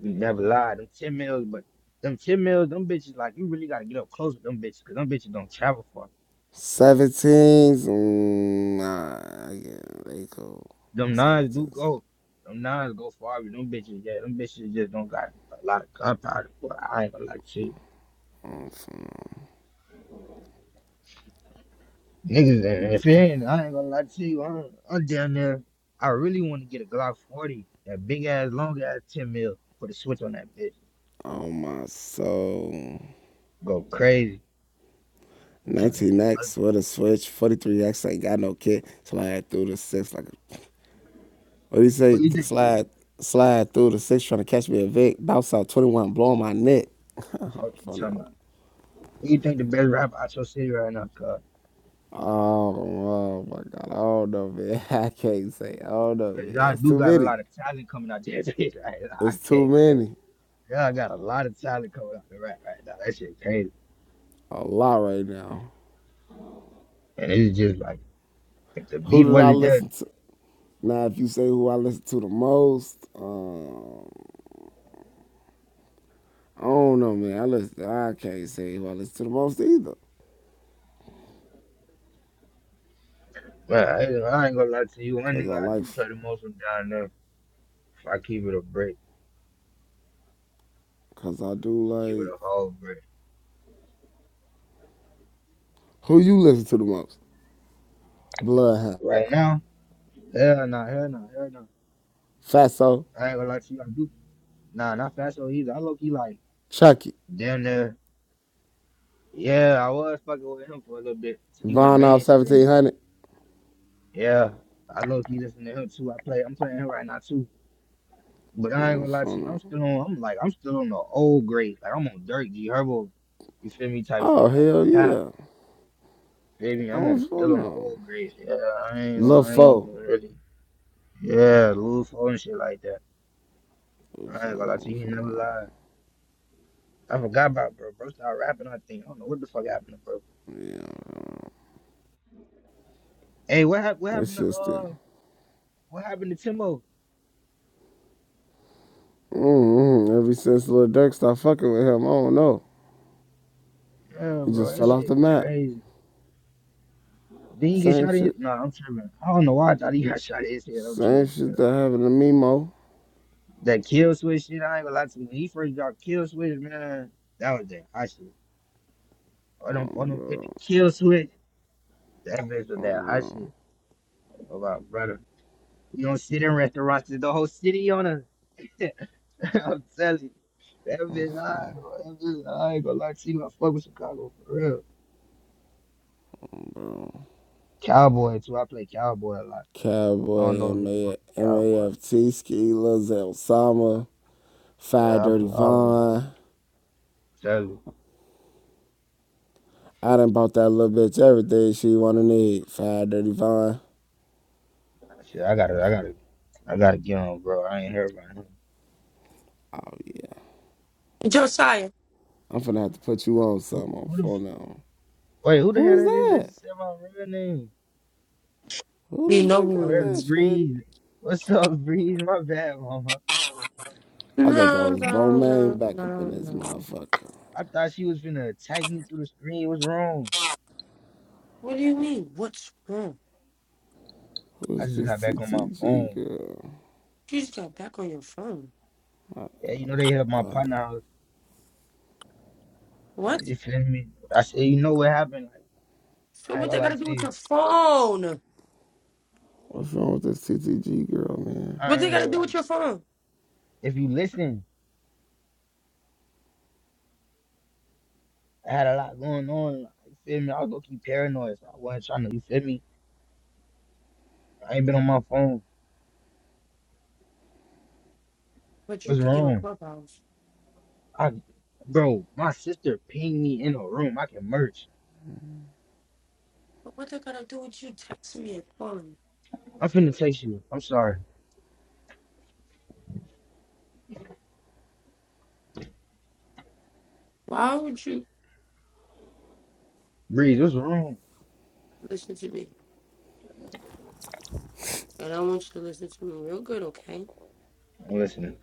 You never lie. Them 10 mils, but them 10 mils, them bitches, like, you really gotta get up close with them bitches, because them bitches don't travel far.
17s, mm, nah, yeah, they cool.
Them nines do
17s,
go. Them nines go far, but them bitches, yeah, them bitches just don't got a lot of gunpowder. But I ain't gonna lie to you.
I'm for no.
Niggas, and if it ain't, I ain't gonna lie to you. I'm, I'm down there. I really want to get a Glock 40, that big ass, long ass 10 mil. Put a switch on that bitch.
Oh my soul.
Go crazy. I'm trying to get.
19X
What
with a switch. 43X ain't got no kick. Slide through the six like a, what do you say?
Who you think?
Slide slide through the six trying to catch me a Vic. Bounce out 21, blowing my neck.
Fuck you,
For no.
talking about? Who you think the best rapper out your city right now, cuz?
Oh, oh my god. I don't know, man. I can't say I don't know,
Cause
man.
y'all
It's
do
too
got a
many.
lot of talent coming out there, bitch. Right now. I
It's too
can't say.
many.
Y'all got a lot of talent coming out the rap right now. That shit crazy.
A lot right now.
And it's just like, if the
Who
beat
did I
wasn't there,
listen to? Now if you say who I listen to the most, um, I don't know man. I listen I can't say who I listen to the most either.
man, I, I ain't gonna lie to you. One
Cause I
nigga I do
like
play the most from down there, if I keep it a break.
Cause I do
I'll give it
like
a whole break.
who you listen to the most? Bloodhound,
Right now, hell nah, hell nah, hell nah.
Fatso,
I ain't gonna lie to you, I do. Nah, not Fatso either. I low key like
Chucky,
damn near. Yeah, I was fucking with him for a little bit. So, He went
Von off seventeen
mainstream.
hundred.
Yeah, I low key listen to him too. I play, I'm playing him right now too. But I ain't
Oh
gonna
fuck
lie to you, I'm
no.
still on. I'm like, I'm still on the old grade. Like I'm on Dirt G Herbo. You feel me? Type
Oh
shit.
hell
Pap,
yeah.
feel me? I'm
Oh
on
fuck
still on the
no.
old grade. Yeah, I ain't,
Lil
I ain't
Fo.
really. Yeah, Lil Fo and shit like that.
Oh,
I
fuck,
ain't gonna lie to
oh,
you, he never lied. I forgot about bro. Bro started rapping. I think I don't know what the fuck happened to bro.
no. Yeah,
Hey, what hap- what
it's
happened to
just them.
uh what happened to Timo?
Mm-hmm. Ever since Lil Durk stopped fucking with him, I don't know.
Yeah,
He just
bro, that
fell off the
shit
map.
crazy. Didn't he get
Same
shot in?
shit.
No, I'm tripping. I don't know why I thought he got shot in his head. I'm
Same
tripping. bro.
shit that happened to Mimo.
That kill switch shit. I ain't gonna lie to you. When he first dropped kill switch, man, that was that hot shit. I don't
Oh,
I don't hit the
bro.
kill switch. That bitch was
Oh,
that hot
bro.
shit. Oh my brother. You don't sit in restaurants. The whole city on us. I'm telling you, that bitch high. bro. That bitch high. I ain't gonna lie to you. I fuck with Chicago for real.
bro.
Cowboy too. I play cowboy a lot. I don't know
Cowboy
niggas fuck with cowboy.
MAFT, Ski Lizelle Sama, Fire
Yeah, I
Dirty
play all of them.
Vaughn.
Tell you,
I done bought that little bitch everything she wanna need. Fire Dirty Vaughn.
shit. I gotta, I gotta, I gotta get on, bro. I ain't heard about him.
Oh yeah.
Josiah.
I'm finna have to put you on
Who,
something on
who the f-
phone now.
wait? Who the hell
Who's
that is? That
that?
just said my real name.
Who
You
the
know
fuck
who
Oh,
it
is
that's
that,
is.
shorty?
Breeze. What's up, Breeze? My bad, mama.
I thought that
No,
was
no,
Romaine
no,
back up
no,
in this
no.
motherfucker.
I thought she was gonna attack me through the screen. What's wrong?
What do you mean? What's wrong?
I
Who's
just
this
got back on my
TTG
phone.
girl?
You just got back on your phone.
Yeah, you know they have my partner. house.
What?
You feel me? I said, you know what happened? Like,
So
I ain't
what
gonna
they
lie
gotta do
to
with
you.
your phone?
What's wrong with this TTG girl, man?
What
I
they
ain't
gotta
gonna
do
lie.
with your phone?
If you listen, I had a lot going on. Like, you feel me? I was looking paranoid. So I wasn't trying to, you feel me? I ain't been on my phone.
But you
What's
kicking on
wrong?
Clubhouse.
I, bro, my sister pinged me in a room. I can merch.
But what they gotta do with you texting me and calling me?
I'm finna text you. I'm sorry.
Why would you
Breeze, what's wrong?
listen to me? And I want you to listen to me real good, okay?
I'm listening.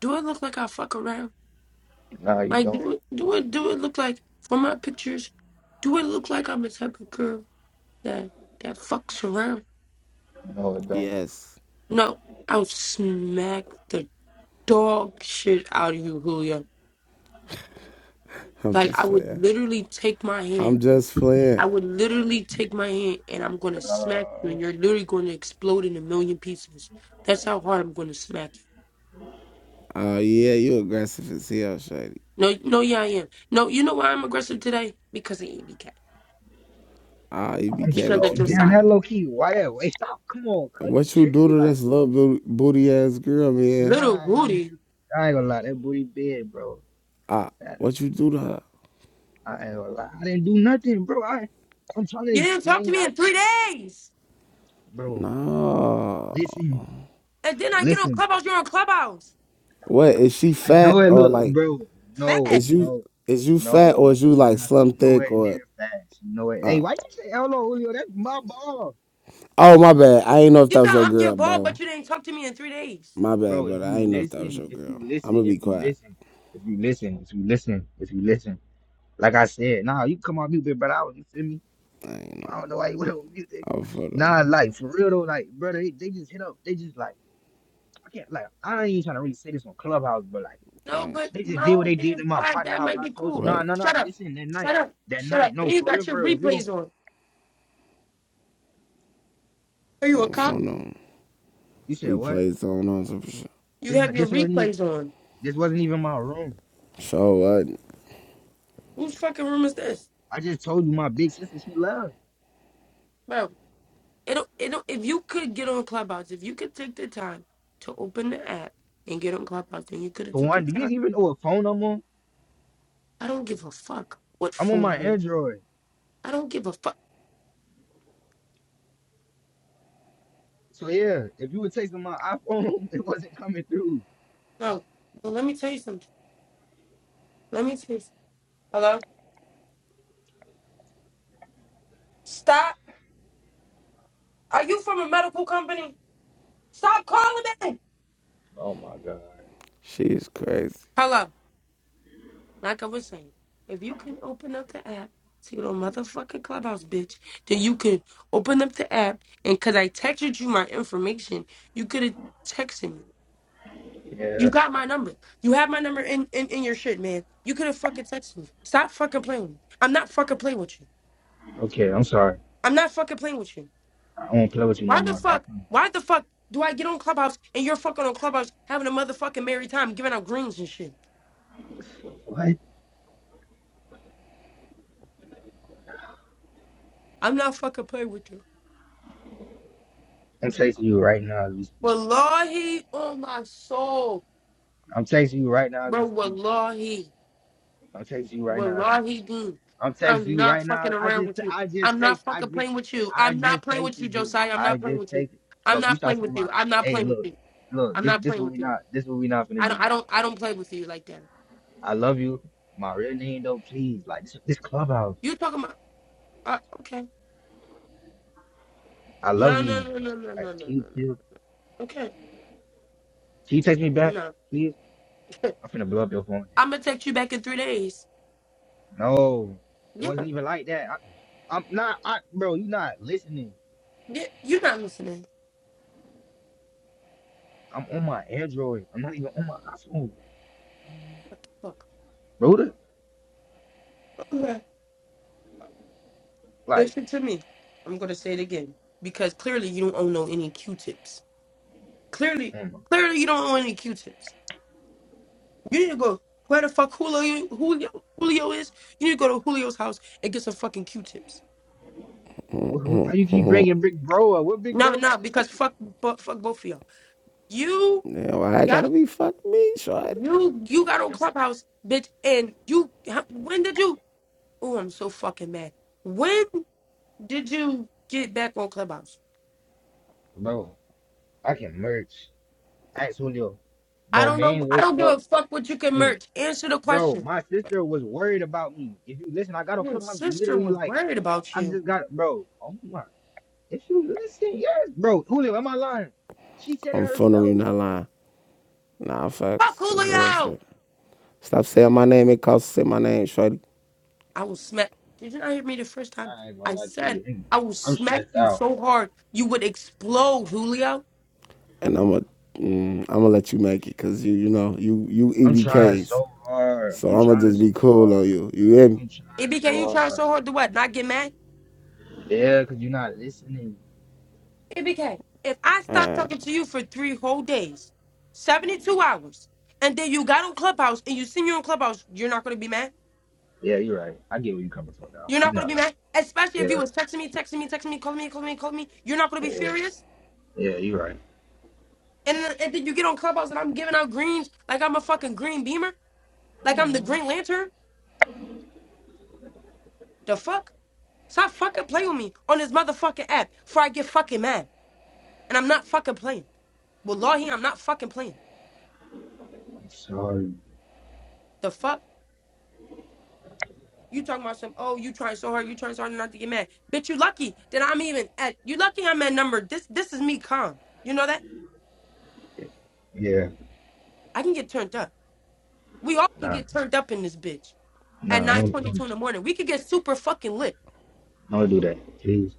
Do I look like I fuck around?
No, you
Like
don't.
do it do it do it look like from my pictures? Do it look like I'm the type of girl that that fucks around?
No, it don't.
Yes.
No, I would smack the dog shit out of you, Julio.
I'm
Like
just
I would
playing.
literally take my hand.
I'm just playing.
I would literally take my hand and I'm gonna smack you
Uh,
and you're literally gonna explode in a million pieces. That's how hard I'm gonna smack you.
Oh yeah, you aggressive as hell, Shady.
No no yeah I am. No, you know why I'm aggressive today? Because of Andy Cat.
Ah, you
I'm
EBK,
so
Because
what
of
you do
damn
Josiah.
that low
to
key. Why that way? Stop. Come on, cuz you
What you do
trippy
to
like.
this little booty, booty ass girl, man?
Little
I ain't
Rudy.
gonna lie, that booty big, bro.
Ah,
That,
what you do to her?
I ain't gonna lie. I didn't do nothing, bro. I I'm trying to
You didn't talk to
explain.
me
I
in three days.
bro,
No.
listen,
And then I get on
listen.
Clubhouse, you're on Clubhouse.
What is she
I know
fat
it
or
look,
like
bro. No,
Fat.
is you
no,
is you fat or
no.
is you
She
like
not. She
slim
nowhere
thick or
near fast. She nowhere. Hey, why you say hello, Julio? That's my ball,
Oh my bad. I ain't know if
You
that was
tell
your
I'm your
girl,
ball, but
bro.
you didn't talk to me in three days.
My bad,
bro. If
brother. I
you
ain't know if that was
listen,
your
if
girl.
you listen,
I'ma
if
be
you
quiet.
listen, if you listen, if you listen, if you listen. Like I said, nah, you come on mute, big brother. I was- You feel me?
I ain't know.
I don't know why he went on mute.
I was for
Nah,
them.
like for real though, like brother, they, they just hit up. They just like I can't like I ain't even trying to really say this on Clubhouse, but like
No,
Alright.
but
they just
my
did what
whole
they
thing is,
did in my
all right,
partner
that
house.
might
I
be
told you,
cool.
nah,
What?
nah, nah.
Shut up.
Listen, that
Shut
night,
up.
that
Shut up.
night,
And
no,
you
for
got
real,
your
for real. We gon'
replays on. Are you
I'm
a
On
cop?
phone on.
You said what?
Replays on on some shit.
You
This
have your
this wasn't e-
replays on.
this wasn't even my room.
So what?
Whose fucking room is this?
I just told you my big sister she left.
Bro, it'll, it'll, if you could get on Clubhouse, if you could take the time to open the app and get on Clubhouse, then you could have
For
took the
one, do you
time.
even know what phone I'm on?
I don't give a fuck what
I'm on
phone
my
you
Android.
I don't give a fuck.
So yeah, if you were texting my iPhone, it wasn't coming through.
No, well, let me tell you something. Let me tell you something. Hello? Stop. Are you from a medical company? Stop calling me.
She is crazy.
Hello. Like I was saying, if you can open up the app to your motherfucking clubhouse, bitch, then you could open up the app and cause I texted you my information, you could have texted me. You
Yeah.
got my number. You have my number in, in, in your shit, man. You could have fucking texted me. Stop fucking playing with me. I'm not fucking playing with you.
Okay, I'm sorry.
I'm not fucking playing with you.
I won't play with you no
Why the
more. I promise.
fuck? Why the fuck do I get on Clubhouse and you're fucking on Clubhouse having a motherfucking merry time giving out greens and shit?
What?
I'm not fucking playing with you.
I'm texting you right now as we speak.
Wallahi on my soul.
I'm texting you right now as we
Bro,
speak.
wallahi,
I'm texting you right now as we speak.
wallahi, dude,
I'm texting
I'm
you
not
right
fucking
now. I
around with
just
you.
I just
I'm not
text I
fucking
just
playing with you.
I
I'm not
just
playing with you,
texted you.
Josiah. I'm
I
not playing
just
with you.
texted.
I'm
Bro, you
not playing
start
with
saying my
you. I'm not
hey
playing with
look,
you.
look,
I'm
this
not
this
playing
what
with
we
you.
not this what we not gonna
I don't.
do.
I don't. I don't play with you like that.
I love you. My real name though, please. Like this this clubhouse.
You talking about? Uh, okay.
I love
No, no,
you.
no, no, no, no,
Like
no, no,
can you can
no.
you,
Okay.
can you text me back,
No.
please? I'm finna blow up your phone.
I'm gonna text you back in three days.
No. It
Yeah.
wasn't even like that. I, I'm not I bro, you not listening.
Yeah. You're not listening.
I'm on my Android. I'm not even on my iPhone,
Fuck.
Broda.
Okay.
Like,
Listen to me. I'm gonna say it again because clearly you don't own no any Q-tips. Clearly,
um,
clearly you don't own any Q-tips. You need to go where the fuck Julio Julio, Julio is. You need to go to Julio's house and get some fucking Q-tips.
why you keep bringing Big Bro up? What Big
No,
Bro
no,
got to do?
because fuck, bu- fuck both of y'all. You
Yeah, why I gotta
got
be fuck me, shorty?
you you got on Clubhouse, bitch, and you. how- When did you? Oh, I'm so fucking mad. When did you get back on Clubhouse?
Bro, I can merge. Ask Julio.
I
Bro,
don't know.
man
I
woke
don't give a
up.
fuck what you can
and-
merch. Answer the
Bro,
question.
my sister was worried about me. If you listen, I got on
Your
Clubhouse
sister
literally
was
like,
worried about
I
you.
just got, bro. Oh my. If you listen, yes. Bro, Julio, am I lying? She said it
I'm fun of you,
herself.
not lying. Nah,
Fuck
facts. That's real
Julio.
shit. Stop saying
Bro,
my name. It costs to say my name, shorty.
I will smack. Did you not hear me the first time?
I ain't gonna
I
lie to
said
you.
I will
I'm
smack
stressed
you
out.
so hard you would explode, Julio.
And I'ma, mm, I'ma let you make it, cause you, you know, you, you
I'm trying
EBKs.
so hard.
So
I'm
I'ma
trying
just
so
be cool
hard.
on you. You hear me?
I'm
ABK, you
so
trying so hard to what? Not get mad?
Yeah, because you're not listening.
ABK, if I stop talking to you for three whole days, 72 hours, and then you got on Clubhouse and you see me on Clubhouse, you're not going to be mad?
Yeah, you're right. I get where you're coming from now.
You're not
You're
going to
not
be
lying.
mad? Especially
Yeah,
if you was texting me, texting me, texting me, calling me, calling me, calling me. You're not going to be furious?
yeah, you're right.
And then, and then you get on Clubhouse and I'm giving out greens like I'm a fucking green beamer? Like I'm the Green Lantern? The fuck? Stop fucking playing with me on this motherfucking app before I get fucking mad. And I'm not fucking playing. Wallahi, I'm not fucking playing.
I'm sorry.
The fuck? You talking about some, oh, you trying so hard, you trying so hard not to get mad. Bitch, you lucky that I'm even at, you lucky I'm at number, this This is me calm. You know that?
Yeah,
I can get turned up. We all can
nah,
get turned up in this bitch at
nah, don't,
9.22
don't,
in the morning. We could get super fucking lit.
don't do that, please.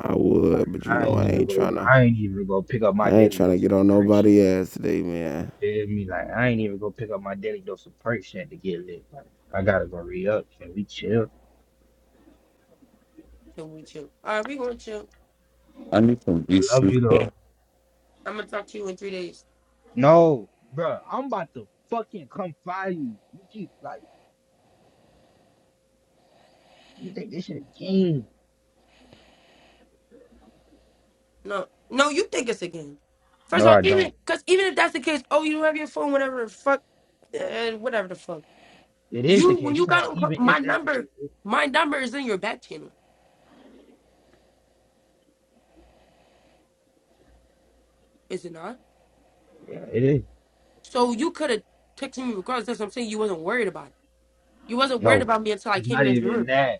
I would, but you
I
know,
ain't
I
even
ain't
go.
trying to.
I ain't even go pick up my
I ain't
daily
trying to
dose of
get on
perks
nobody
yet.
ass today, man.
Feel me? Like I ain't even go pick up my daily dose of perks yet to get lit. Like, I gotta go re up. Can we chill?
Then we chill. All right, we gonna chill.
I need some
I
AC.
love you though.
I'm gonna talk to you in three days.
No, bro. I'm about to fucking come find you. You keep like you think this shit a game?
No, no, you think it's a game. First
No,
of all,
I don't.
even, because even if that's the case, oh, you have your phone, whatever, the fuck. uh, whatever the fuck.
It is the
You when
case. You
you
talking
got
about
on call-
even if
my
that's the
number,
case? It,
my number is in your back channel, is it not?
yeah, it is.
So you could have texted me regardless. That's what I'm saying. You wasn't worried about it. You wasn't worried
No,
about me until I
it's
came in
not
this
even
room.
that.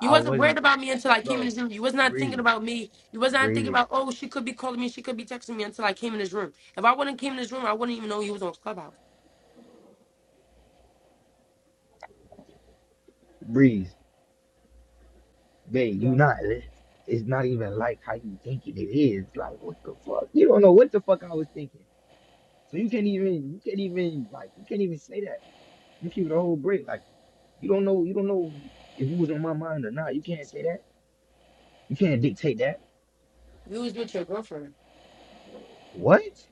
You
I
wasn't worried
wasn't,
about me until I came in
bro.
this room. You was not thinking
Breezy,
about me. You was not thinking
breezy,
about oh she could be calling me, she could be texting me until I came in this room. If I wouldn't came in this room, I wouldn't even know you was on Clubhouse.
breeze, babe. You
Yeah,
not. It's not even like how you thinking it is. Like what the fuck? You don't know what the fuck I was thinking. So you can't even. You can't even like. You can't even say that. You keep the whole break. Like you don't know. You don't know if you was on my mind or not. You can't say that. You can't dictate that.
you was with your girlfriend.
What?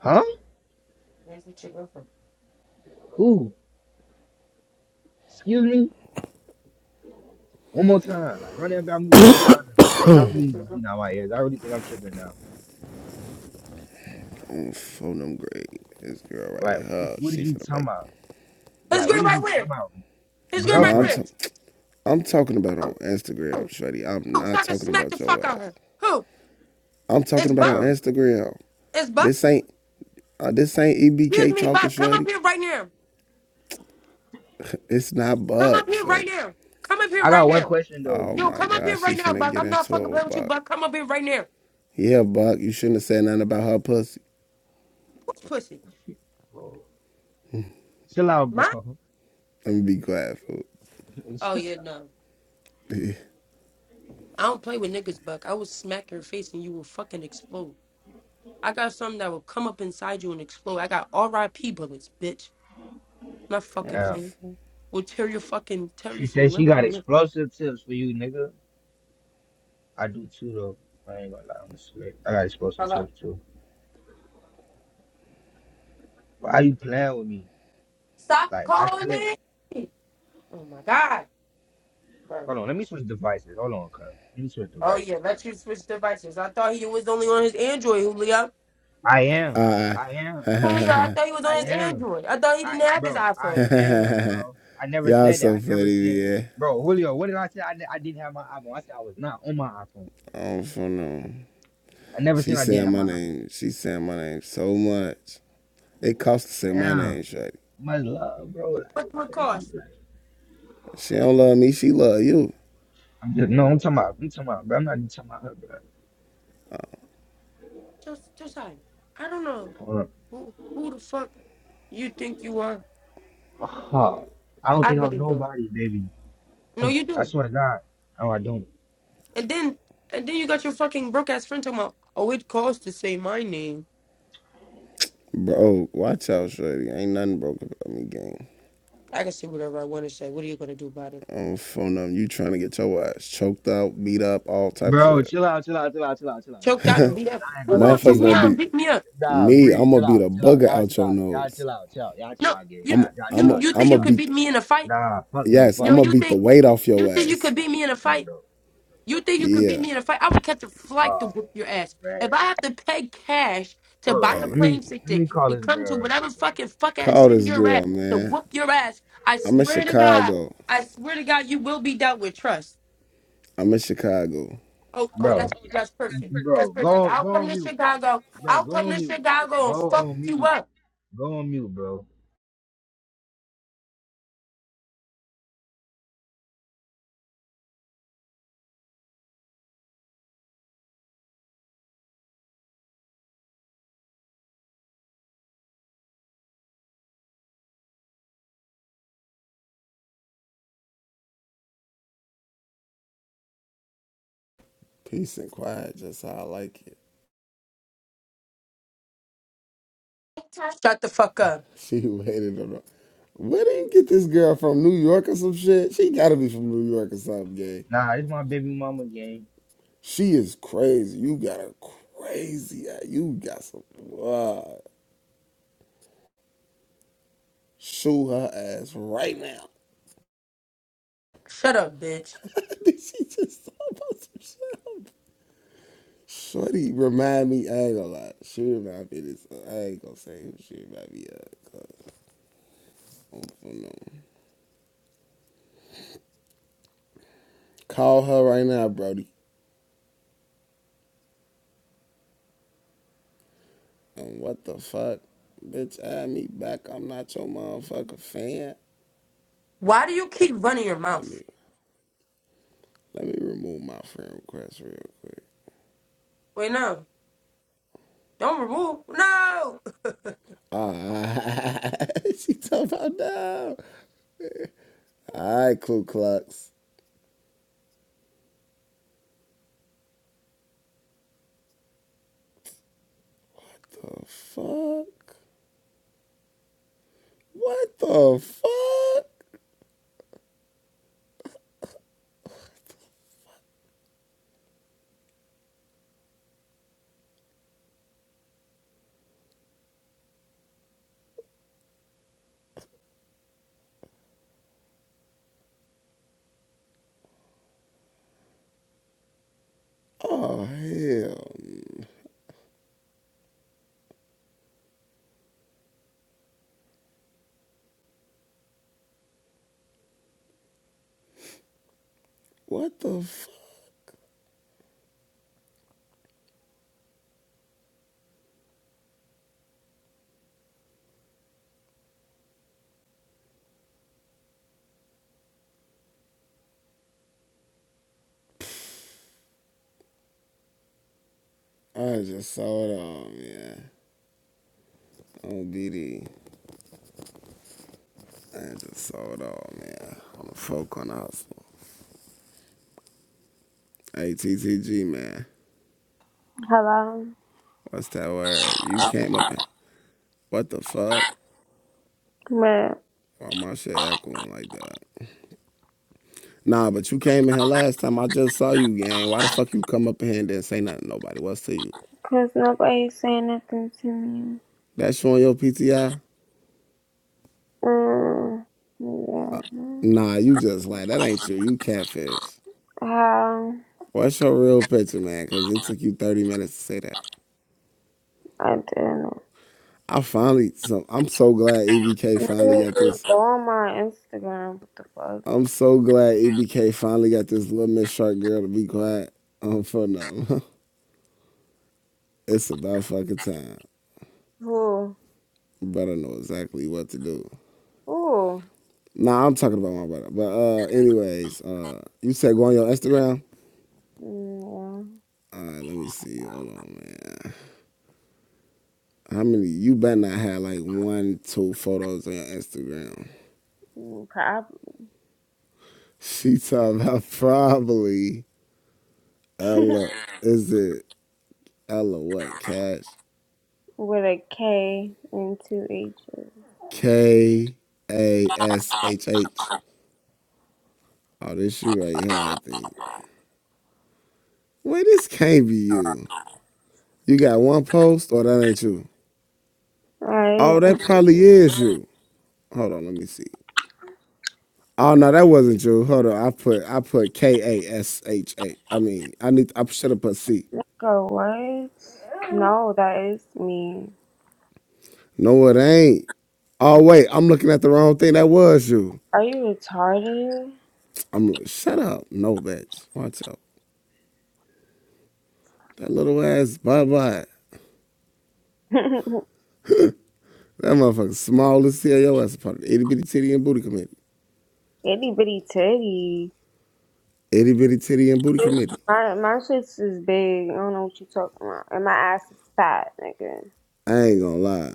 Huh?
You was with your girlfriend.
Who? Excuse me. One more time. Like run that back me one more time. Like I
You
think I
was with
really
your
need to
girlfriend.
clean out my ears. I really think I'm tripping now.
I'm phone them great. This girl right
Like what
here,
what
she
is you
finna
talking
make.
about?
His
Like
girl
what is
right
you talking
where?
about?
His girl right
Nah, I'm,
Girlfriend.
t-
where?
I'm talking about on
Who?
Instagram,
Who?
shorty. I'm
Who? So
not
I can
talking
smack the
about your
fuck
ass.
out of her. Who?
I'm
It's
talking about on
Buck.
Bro.
Instagram.
It's Buck.
This ain't uh, this ain't
Excuse
EBK
me,
talking,
Buck. Come up
shorty.
here right now.
It's not
Come up
Buck,
here right
shorty.
now. Come up here
I
right
got one
now.
question though.
Oh
Yo,
my
come up here
gosh, she
right now,
finna
Buck.
get
I'm not
into it
fucking playing
with
with you,
Buck.
Buck. Come up here right now.
Yeah, Buck, you shouldn't have said nothing about her pussy.
Who's pussy?
Bro, Chill out,
Mine?
bro.
Let me be quiet, fool.
Oh yeah, no. I don't play with niggas, Buck. I would smack your face and you will fucking explode. I got something that will come up inside you and explode. I got R.I.P. bullets, bitch. I'm not fucking
Damn.
playing. Will tear your fucking tear you
She
from
said she
limb
got
from limb.
explosive tips for you, nigga. I do too though. I ain't gonna lie, I'm slick. I got explosive
Hello.
tips too. But how you playing with me?
Stop
Like I
calling
still ain't
me. Oh my god, bro.
hold on, let me switch devices. Hold on, cuz. Let me switch
Oh yeah,
devices, cuz.
let you switch devices. I thought he was only on his Android, Julio.
I am.
Uh,
I am.
Julio, I thought he was on
I
his
am.
Android. I thought he
I
didn't have his
bro, I
iPhone.
am, bro. I never
y'all
said that.
so
I
funny,
never said,
yeah.
bro, Julio. What did I say? I, ne- I didn't have my iPhone. I said I was not on my iPhone.
I don't fucking know.
I never
She
said I didn't
saying
have
my
my iPhone.
name. She saying my name so much. It costs to say my name,
Damn,
shorty.
much love, bro. Like,
What would
damn,
cost?
like,
She don't love me. She love you.
I'm just no. I'm talking about. I'm talking about, bro. I'm not even talking about her,
Just, just I. I don't know
bro.
who who the fuck you think you are.
Oh, I don't
I
think I'm
really do.
nobody, baby.
No,
I'm,
you
s- I
do.
swear to God. No, I don't.
And then, and then you got your fucking broke ass friend talking about, oh, it costs to say my name.
Bro, watch out, Shorty. Ain't nothing broke about me, gang.
I can say whatever I want to say. What are you gonna do about it?
I don't phone them. You trying to get your ass choked out, beat up, all type of
Bro,
shit.
chill out, chill out, chill out, chill out, chill out, chill
Choke
out,
down and
bro.
beat
'Cause
up.
I ain't
Who's
gonna lie
gonna
to
choke
Motherfuckers
you.
me
gonna
I
out and
beat
beat me up?
Nah,
me. I'm
breathe.
gonna
Chill
beat
out.
a
Chill out.
bugger
Y'all chill
out your
out. Y'all
nose.
chill out. Chill out. Y'all chill
No,
out, gang.
you,
Y'all
I'm
y'all chill
you,
I'm a,
out.
you
Y'all
think
I'm
chill
gonna
out.
you could
beat.
beat
The,
me in a fight?
Nah, fuck no,
yes,
fuck
Yo,
I'm
no,
gonna
you
fuck
beat the
think,
no,
weight off
you
your
think you could
ass.
beat me in a
fuck
fight?
no,
You
fuck no,
think you
fuck
could
no.
beat
Yeah.
me in a fight? I will catch a flight to
Oh
whoop your ass.
man,
If I have to pay cash to buy
hold
a
on. Let
Hey,
plane
me let
ticket
me call
to
this
come to
girl real
whatever
quick,
fucking
man.
fuck ass
call
city
this
you're
girl,
at to
man.
whoop your ass, I
I'm in
swear to God,
Chicago.
I swear to God, you will be dealt with. Trust.
I'm in Chicago.
Oh, oh,
Bro,
that's that's perfect. That's
bro,
perfect.
go
I'll
go
come
on
to
mute,
Chicago.
bro.
I'll come
Go on
to
mute.
Chicago
Go
and fuck
on
you
mute.
up.
Go on mute, bro.
Peace and quiet, just how I like it.
Shut the fuck up.
She waited on. Where did you get this girl from New York or some shit? She gotta be from New York or something, gay.
Nah, it's my baby mama game.
She is crazy. You got a crazy eye. You got some. Wow. Shoot her ass right now.
Shut up, bitch.
Did she just talk about some shit? Shorty remind me, I ain't gonna lie. She remind me of this. uh, I ain't gonna say who she remind me of. 'cause I don't know. Call her right now, Brody. And what the fuck? Bitch, add me back. I'm not your motherfucker fan.
Why do you keep running your
Let
mouth?
me let me remove my friend request real quick.
Wait, no. Don't remove. No.
Ah, she talking about now. All right, Ku Klux. The fuck? What the fuck? Oh, hell. What the fuck? I just saw it all, man. On BD. I just saw it all, man. On the folk on the hustle. Hey, TTG, man.
Hello,
What's that word? You came up and. What the fuck?
but
Why my shit echoing like that? Nah, but you came in here last time. I just saw you, gang. Why the fuck you come up in here and didn't say nothing to nobody? What's to you?
cause nobody's saying nothing to me.
That showing your PTI?
Um, yeah,
Nah, you just like that ain't you. You catfish.
how
What's your real picture, man? Cause it took you 30 minutes to say that.
I didn't.
I finally so I'm so glad EBK finally got
Maybe
this.
Go on my Instagram. What the fuck?
I'm so glad EBK finally got this little Miss Shark girl to be quiet. Um for no. it's about fucking time.
Who?
Better know exactly what to do.
Who?
Nah, I'm talking about my brother. But uh anyways, uh you said go on your Instagram?
Mm,
Alright, let me see. Hold on, man. How many you better not have like one, two photos on your Instagram.
Yeah, mm, probably
She talking about probably Ella. Is it Ella what? Cash?
with a K and two H's.
K A S H H. Oh, this you right here, I think. Wait, this can't be you. You got one post, or that ain't you?
That
Oh,
is
that probably is you. Hold on, let me see. Oh no, that wasn't you. Hold on, I put I put K A S H A. I mean, I need I should have put C.
go what? No, that is me.
No, it ain't. Oh wait, I'm looking at the wrong thing. That was you.
Are you retarded?
I'm like, shut up. No, bitch. Watch out. That little ass, bye bye. That motherfucker small as hell. Your ass a part of the itty bitty titty and booty committee.
Itty bitty titty.
Itty bitty titty and booty committee.
My my shits is big. I don't know what you talking about. And my ass is fat, nigga.
I ain't gonna lie.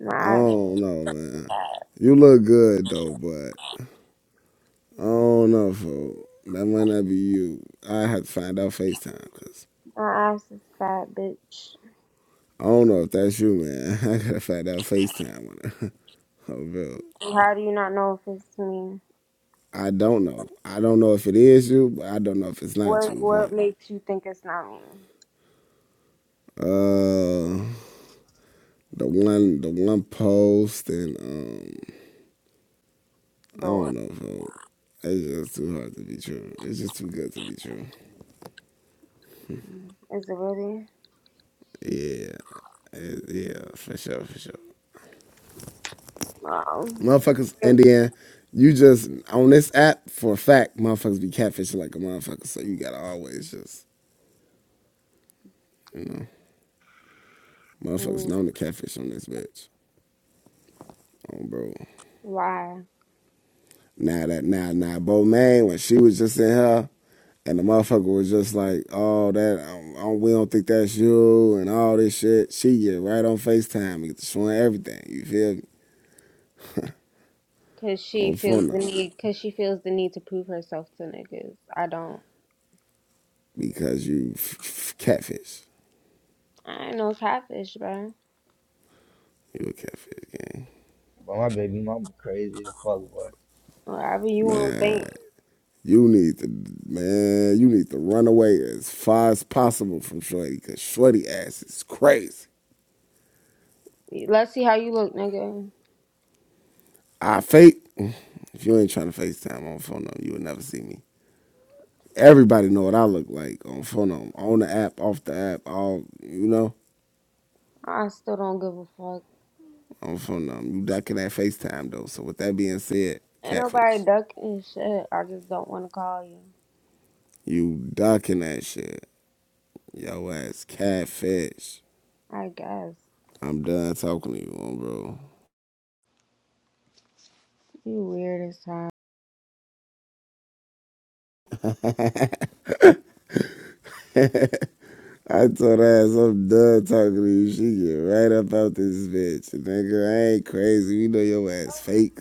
My
I
ass,
don't know, man. You look good though, but I don't know, fool. That might not be you. I have to find out FaceTime, cause
my ass is fat, bitch.
I don't know if that's you, man. I gotta find out FaceTime on her. Oh, real.
How do you not know if it's me?
I don't know. I don't know if it is you, but I don't know if it's not
What
you.
what makes you think it's not me?
But uh, the one the one post and um I
Lord,
don't know, folks. It's just too hard to be true. It's just too good to be true.
is it really?
Yeah, It- yeah, for sure, for sure.
No.
Motherfuckers, Indiana, you just on this app for a fact, motherfuckers be catfishing like a motherfucker. So you gotta always just you know, motherfuckers
Mm,
known to catfish on this bitch. Oh, bro.
Why?
Now that now now Maine when she was just in her and the motherfucker was just like, oh that um, I don't, we don't think that's you and all this shit. She get right on Facetime and get to showing everything. You feel me?
Cause she
On
feels
phone
the
up
need. Cause she feels the need to prove herself to niggas. I don't.
because you f- f- catfish.
I ain't no catfish, bro.
You a catfish gang,
But my baby mama crazy as fuck, boy.
Whatever you want to
man.
think.
You need to man. You need to run away as far as possible from Shorty because Shorty ass is crazy.
Let's see how you look, nigga.
I fake. If you ain't trying to FaceTime on phone, no, you will never see me. everybody know what I look like on phone um, on the app, off the app, all you know,
I still don't give a fuck.
on phone um, You ducking that FaceTime though. So with that being said,
Ain't nobody
catfish.
ducking shit. I just don't want to call you.
You ducking that shit. Yo ass catfish.
I guess.
I'm done talking to you, on bro.
You weird as hell.
I told her ass I'm done talking to you. She get right up out this bitch. Nigga, I ain't crazy. We know your ass fake.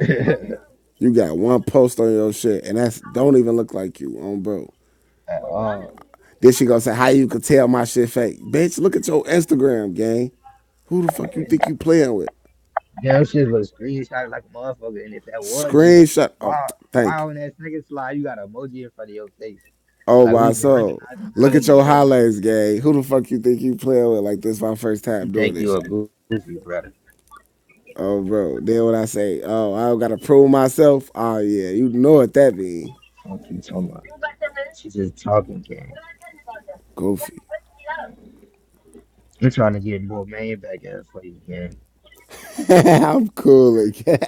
You got one post on your shit and that's don't even look like you, on bro.
At all.
Then she gonna say, "How you could tell my shit fake, bitch? Look at your Instagram, gang. Who the fuck you think you playing with?
Damn shit was screenshot like a motherfucker. And if that was you,
Screenshot.
why
Oh,
why
thank you.
on that second slide you got an emoji in front of your face?
Oh
Like we
my
can
soul.
recognizing the
Look
girl
at
in
your highlights, gang. Who the fuck you think you playing with? Like this, my first
She
time doing
think
this
you a
shit.
goofy brother.
Oh, bro. Then when I say, "Oh, I don't gotta prove myself," oh yeah, you know what that mean?
Fuck you so much. She just talking gang.
Goofy.
I'm trying to get more man back at her for you, gang.
I'm cool again.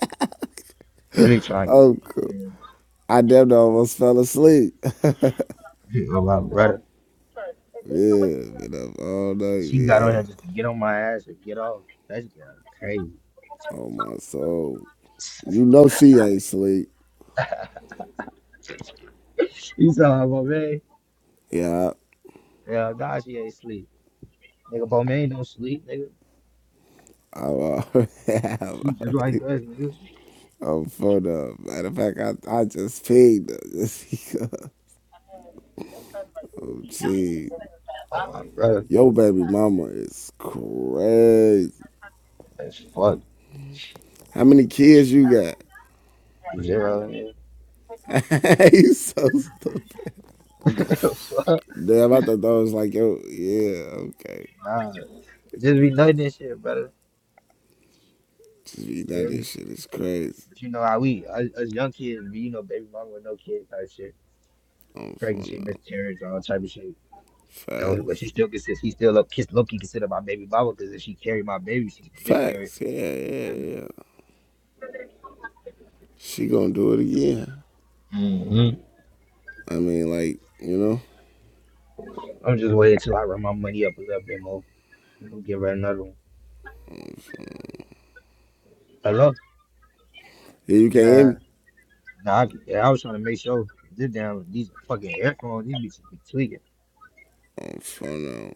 Really trying to
I'm
get
cool.
these
I damn near almost fell asleep.
Oh, my brother.
Yeah, been up all night,
She got on here
man.
just to get on my ass and get off. That's crazy.
Oh my soul. You know she ain't sleep.
You saw how Bomaine?
Yeah,
Yeah, God, she ain't sleep. Nigga, Bomaine don't sleep, nigga.
I, I'm, already. I'm
She just
already
like us, nigga.
on phone up. Matter of fact, I, I just peed her just because. Oh, gee.
Oh, my brother.
Your baby mama is crazy.
That's fucked.
How many kids you got?
Zero, nigga.
you so stupid. Damn, I thought that was like, yo, yeah, okay.
Nah. It just be nothing and shit, brother.
Gee, now
Feel me?
this shit is crazy.
But you know how we uh, as us young kids, we, you know, baby mama with no kids type shit,
On
pregnancy,
phone up.
miscarriage, all type of shit. You know, but she
Facts.
still consider he still look kiss low key consider my baby mama because if she carried my baby, she miscarried.
Facts. Yeah, yeah, yeah. She gonna do it again.
hmm
I mean, like, you know?
I'm just waiting till I run my money up a little bit more. We'll give her another one. Hello?
Yeah, you can't hear
Nah,
me?
nah. I, yeah, I was trying to make sure this damn these fucking headphones, these bitches be tweaking.
I'm phone now.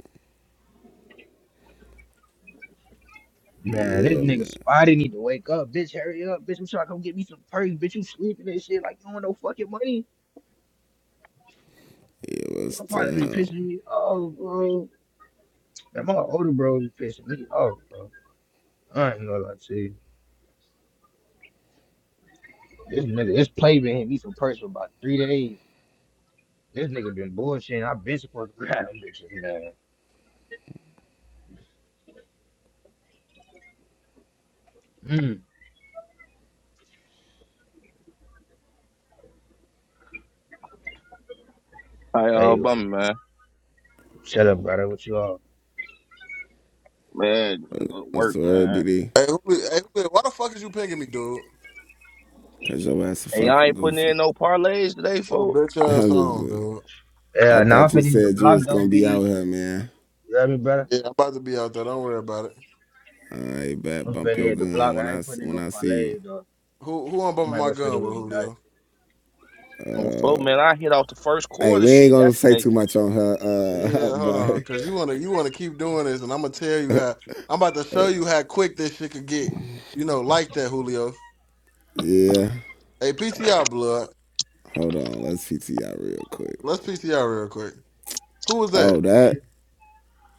Man, this
Yeah,
nigga
man.
spotty need to wake up, bitch. Hurry up, bitch. I'm trying to come get me some perks, bitch. You sleeping and shit like you don't want no fucking money.
Yeah, what's
My partner be
the hell?
pissing me off, bro. And my older bro be pissing me off, bro. I ain't gonna lie to you. This nigga, this play been hitting me for purse for about three days. This nigga been bullshitting. i been supposed to grab him, bitches, man. Mm.
Hey,
Hey,
uh,
bro,
bummer man.
shut up, brother. What you all?
Man, go to
What's
work,
the word,
man.
BD?
Hey, who, hey, who, why the fuck is you pinging me, dude?
Cause your ass a
Hey, y'all
fucking
ain't putting in
goofy.
no parlays today,
Oh,
folks.
bitch ass
I'm just,
on,
saying.
dude.
I
Yeah, now I'm
thought you
finna hit the
said you
block,
was
though,
gonna be out
BD.
here, man.
You hear me, brother?
Yeah, I'm about to be out there. Don't worry about it.
All right, bet.
I'm
Bump
finna
your
hit the
gun
block.
when
I
I
ain't putting in
when
no
I see you.
parlays, though.
Who who I'm
I
bumping
might
my
go shoot a
gun
little
with, Julio?
guy.
Oh, float,
Uh,
man. I hit off the first
hey,
quarter
we ain't
shit
gonna say
yesterday.
too much on her, uh,
Yeah, hold on,
Barry.
cause you wanna you wanna keep doing this, and I'm gonna tell you how. I'm about to show you how quick this shit could get. You know, like that, Julio.
Yeah.
Hey, PTR blood.
Hold on. Let's PTI real quick.
Let's PTR real quick. Who was
Oh
that?
that.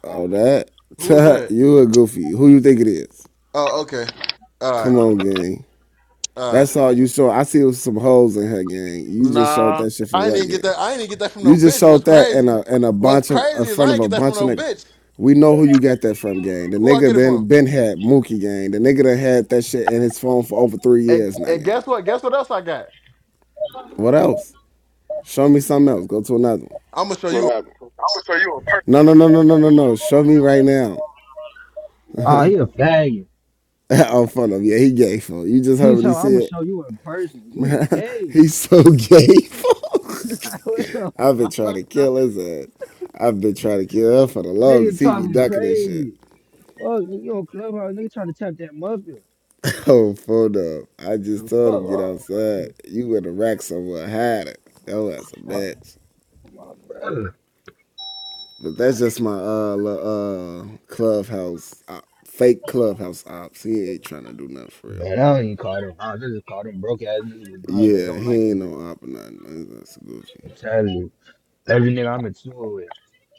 Oh that.
Who was that?
you a goofy. Who you think it is?
Oh, okay. All right,
Come on, gang.
all right.
That's all you show. I see some holes in her game. You just showed
Nah,
that shit for
I didn't
what
even get
gang?
that. I didn't even get that from no
You just
bitch.
showed
What's
that
crazy?
in a in a
What's
bunch of in
crazy is
front
I
of
ain't
a
get that from
bunch of
no
niggas.
bitch.
We know who you got that from, gang. The
Who I
nigga
get it from?
been been had Mookie gang. The nigga that had that shit in his phone for over three
And,
years now,
and
gang.
guess what? Guess what else I got?
What else? Show me something else. Go to another one.
I'm gonna show
What
you
happened?
No, no, no, no, no, no, no. Show me right now.
Oh, he a faggot.
I'm fun of yeah. He gay for you. Just heard
He
what he
told I'm gonna
said.
show you in person. You gay.
he's so gay. fool. I've been trying to kill his ass. I've been trying to kill him for the longest.
Nigga
He be
talking
ducking this shit.
crazy. Fuck, nigga, you on clubhouse, nigga trying to tap that muffin.
Oh, phone up. I just
The
told
fuck,
him get
wrong
outside. You in the rack somewhere, hide it. Yo, that's a
fuck,
bitch.
my brother.
But that's just my uh uh clubhouse op, fake clubhouse ops. He ain't trying to do nothing for real.
Man, I don't even call them. I just call them broke ass niggas with guns that
Yeah,
don't like
he ain't
me.
no op or nothing. He's just goofy.
I'm telling you, every nigga I'm in tour with,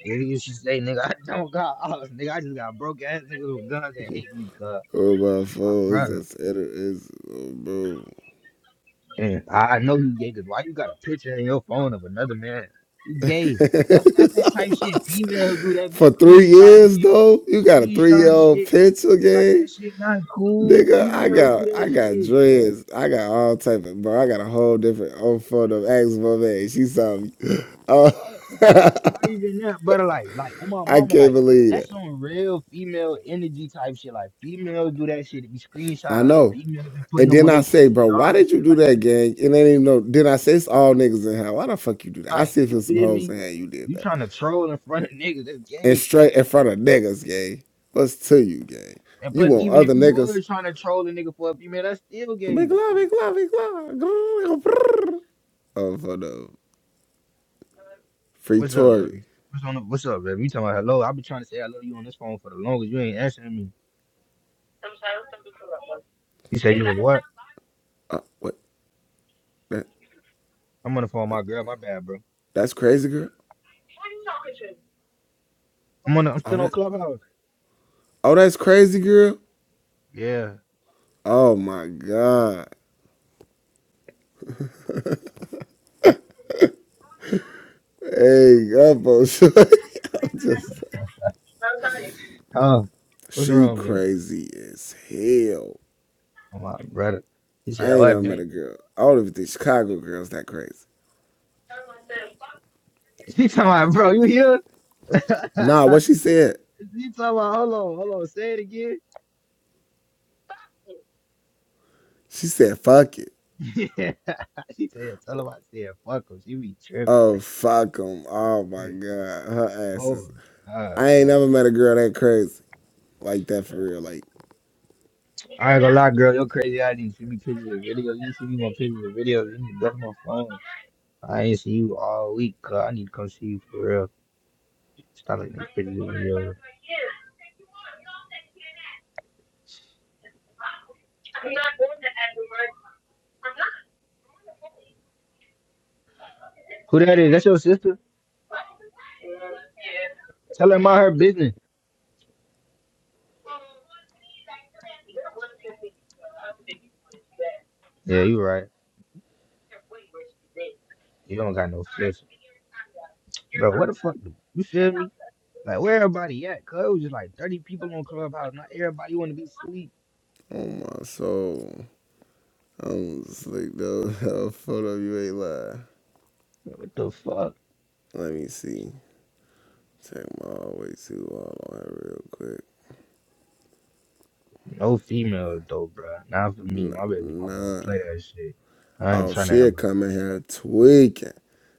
nigga, you should say, nigga, I don't got ops, nigga. I just got broke ass niggas with guns that hate me, cuz
Oh my
my
phone is
brother.
just edit is oh
And I I know you gay, cause why you got a picture in your phone of another man? You gay. That's that's that type shit
bro.
females do that be
For three
screenshotting
years
shit,
though, you got a three year
screenshotting
old
shit.
pencil
Like
game,
that shit not cool.
nigga. I
Females do
got I
that
got
shit.
dreads. I got all type of bro. I got a whole different old photo of Ask my man. She saw me. Oh,
Fuck. Not even that, but like, like on my
I
mama,
can't
like
believe
that's
that.
some real female energy type shit. Like females do that shit. They be
I
screenshotting other
know.
females and putting
And
them
then
on their
I
PTR
say, bro, why
and
did you
shit
do
like
that, gang? And they didn't even know. Then I say, it's all niggas in here. Why the fuck you do that?
that.
I
Like,
see if
you
it's some
feel
hoes
me?
in here. You did
You
that.
trying to troll in front of niggas? That's
And
gay.
straight in front of niggas, gang. What's to you, gang?
And
You
plus,
want
even if
other
you
niggas?
was trying to troll a nigga for a female, that's still
Big
gay.
love, big love, big love. Oh, for no. Free
What's up,
Tory.
baby? What's on? The, what's up, baby? You talking about hello? I've been trying to say hello to you on this phone for the longest. You ain't answering me. You say you were what?
Uh, what? That,
I'm on the phone, with my girl. My bad, bro.
that's crazy, girl.
I'm on. The, I'm
Oh,
still on
that.
Clubhouse.
Oh, that's crazy, girl.
Yeah.
Oh my God. Hey, up, oh, shorty. I'm just like,
Oh, what's
she
wrong, man?
crazy as hell.
I'm like, brother. He said,
I
"Oh,
ain't
that
never met
big."
a girl. I don't even think Chicago girls that crazy.
He talking about, bro. You here? he
Nah, what she said?
talking about, hold on, hold on. Say it again.
She said, "Fuck it."
Yeah. he said, "Tell him I said, fuck him. She be tripping.
Oh, fuck 'em. Oh my God, her asses.
Oh, God.
I ain't never met a girl that crazy like that for real. Like,
I ain't gonna lie, girl. Your crazy idea. You should me pictures and videos. You should me more pictures and videos. You need to block my phone. I ain't see you all week. Cause I need to come see you for real. Stop looking at pictures and videos. Who that is? That's your sister? Tell her about her business. Yeah, you right. You don't got no sister. Bro, what the fuck? do- You feel me? Like, where everybody at? Cause it was just like 30 people on Clubhouse. Not everybody want to be sleep.
oh my soul. I'm just though, no, no, photo, of you ain't lying.
Bro, what the fuck?
Let me see. Check my always too all on it real quick.
No females, though, bro. Not for me. My
Nah,
baby mama don't
nah.
play that shit. I ain't
Oh,
trying to
she come in here tweaking.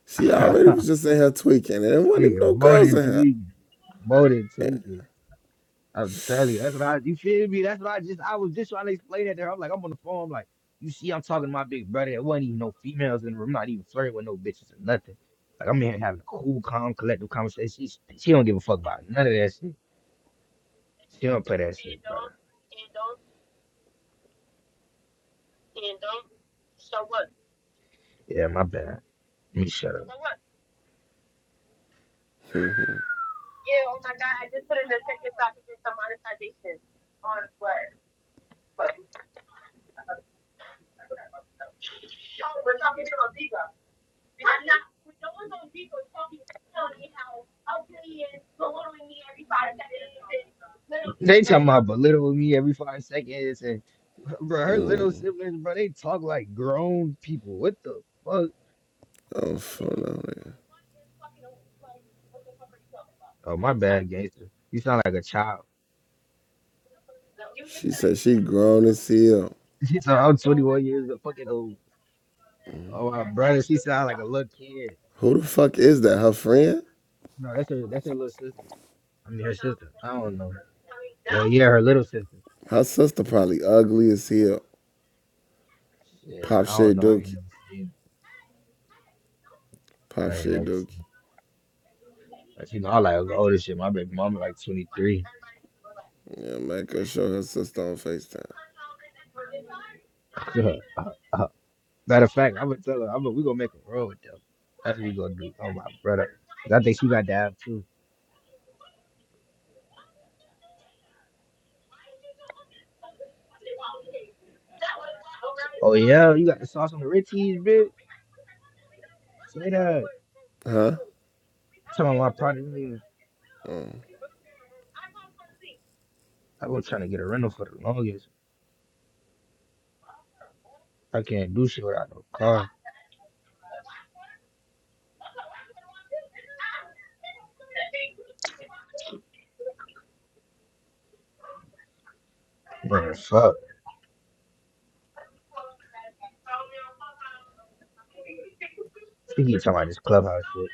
She
have
already
my
was just in here tweaking, and there wasn't even
tweaking.
no
More
girls
than
in here.
tweaking. More than
And,
tweaking. I'm telling you, that's what I, you feel me? That's what I just, I was just trying to explain that to her. I'm like, I'm on the phone, I'm like, you see, I'm talking to my big brother. It wasn't even no females in the room, I'm not even flirting with no bitches or nothing. Like, I'm in here having a cool, calm, collective conversation. She, she don't give a fuck about none of that shit. She don't play that shit, bro. Yeah, my bad. Let me shut up. They talking about belittling me every five seconds, and bro, her little siblings, bro, they talk like grown people. What the fuck?
oh, photo, of it.
Oh, my bad, gangster. You sound like a child.
She said she grown as hell.
so I'm 21 years of fucking old. Oh, my brother, she sound like a little kid.
Who the fuck is that? Her friend?
No, that's her. That's her little sister. I mean, her sister. I don't know. Well, yeah, her little sister.
Her sister probably ugly as hell.
Shit, I
Pop Shay
don't know. I ain't
Dookie.
never seen. her.
Pop
I ain't
Shay
never. Seen.
Dookie.
her. Like, You know, I like older shit. My baby mama like 23.
Yeah, make her show her sister on FaceTime.
Matter of fact, I'm gonna tell her. I'm gonna, we gonna make a roll with them. That's what we gonna do. Oh my brother, 'Cause I think she got down too. Oh yeah, you got the sauce on the Ritzies, bitch. Say that.
Huh?
Some of my product niggas. I was trying to get a rental for the longest. I can't do shit without no car. Man, fuck. Think he keep talking about this clubhouse shit.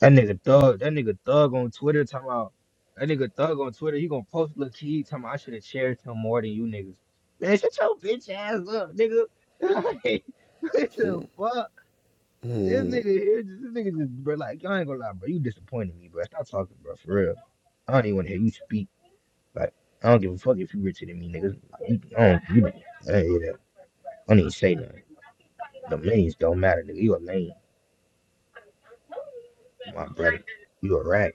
That nigga thug. That nigga thug on Twitter talking about. That nigga thug on Twitter. He gonna post little key talking about I should have cherished him more than you niggas. Man, shut your bitch ass up, nigga. Like, what the fuck? This
Mm.
nigga, here- this nigga just, bro, like, I ain't gonna lie, bro. You disappointed me, bro. Stop talking, bro, for real. I don't even wanna hear you speak. Like, I don't give a fuck if you richer than me, nigga. Like, you, I don't, you I don't hear that. I don't even say nothing. The lanes don't matter, nigga. You a lane, my brother. You a rat.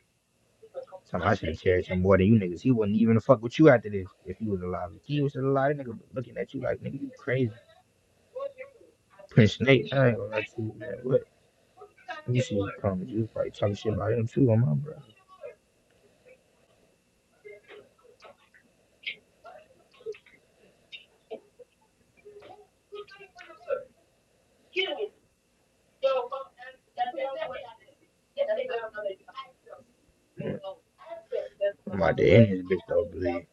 Something I should have cherished him more than you niggas. He wouldn't even fuck with you after this if he was alive. If he was alive, nigga, looking at you like, nigga, you crazy. Prince Nate, I ain't gonna lie to you, man. What? You see the comments You was probably talking shit about him too on my brother. Yeah. I'm like the end of this bitch though, believe.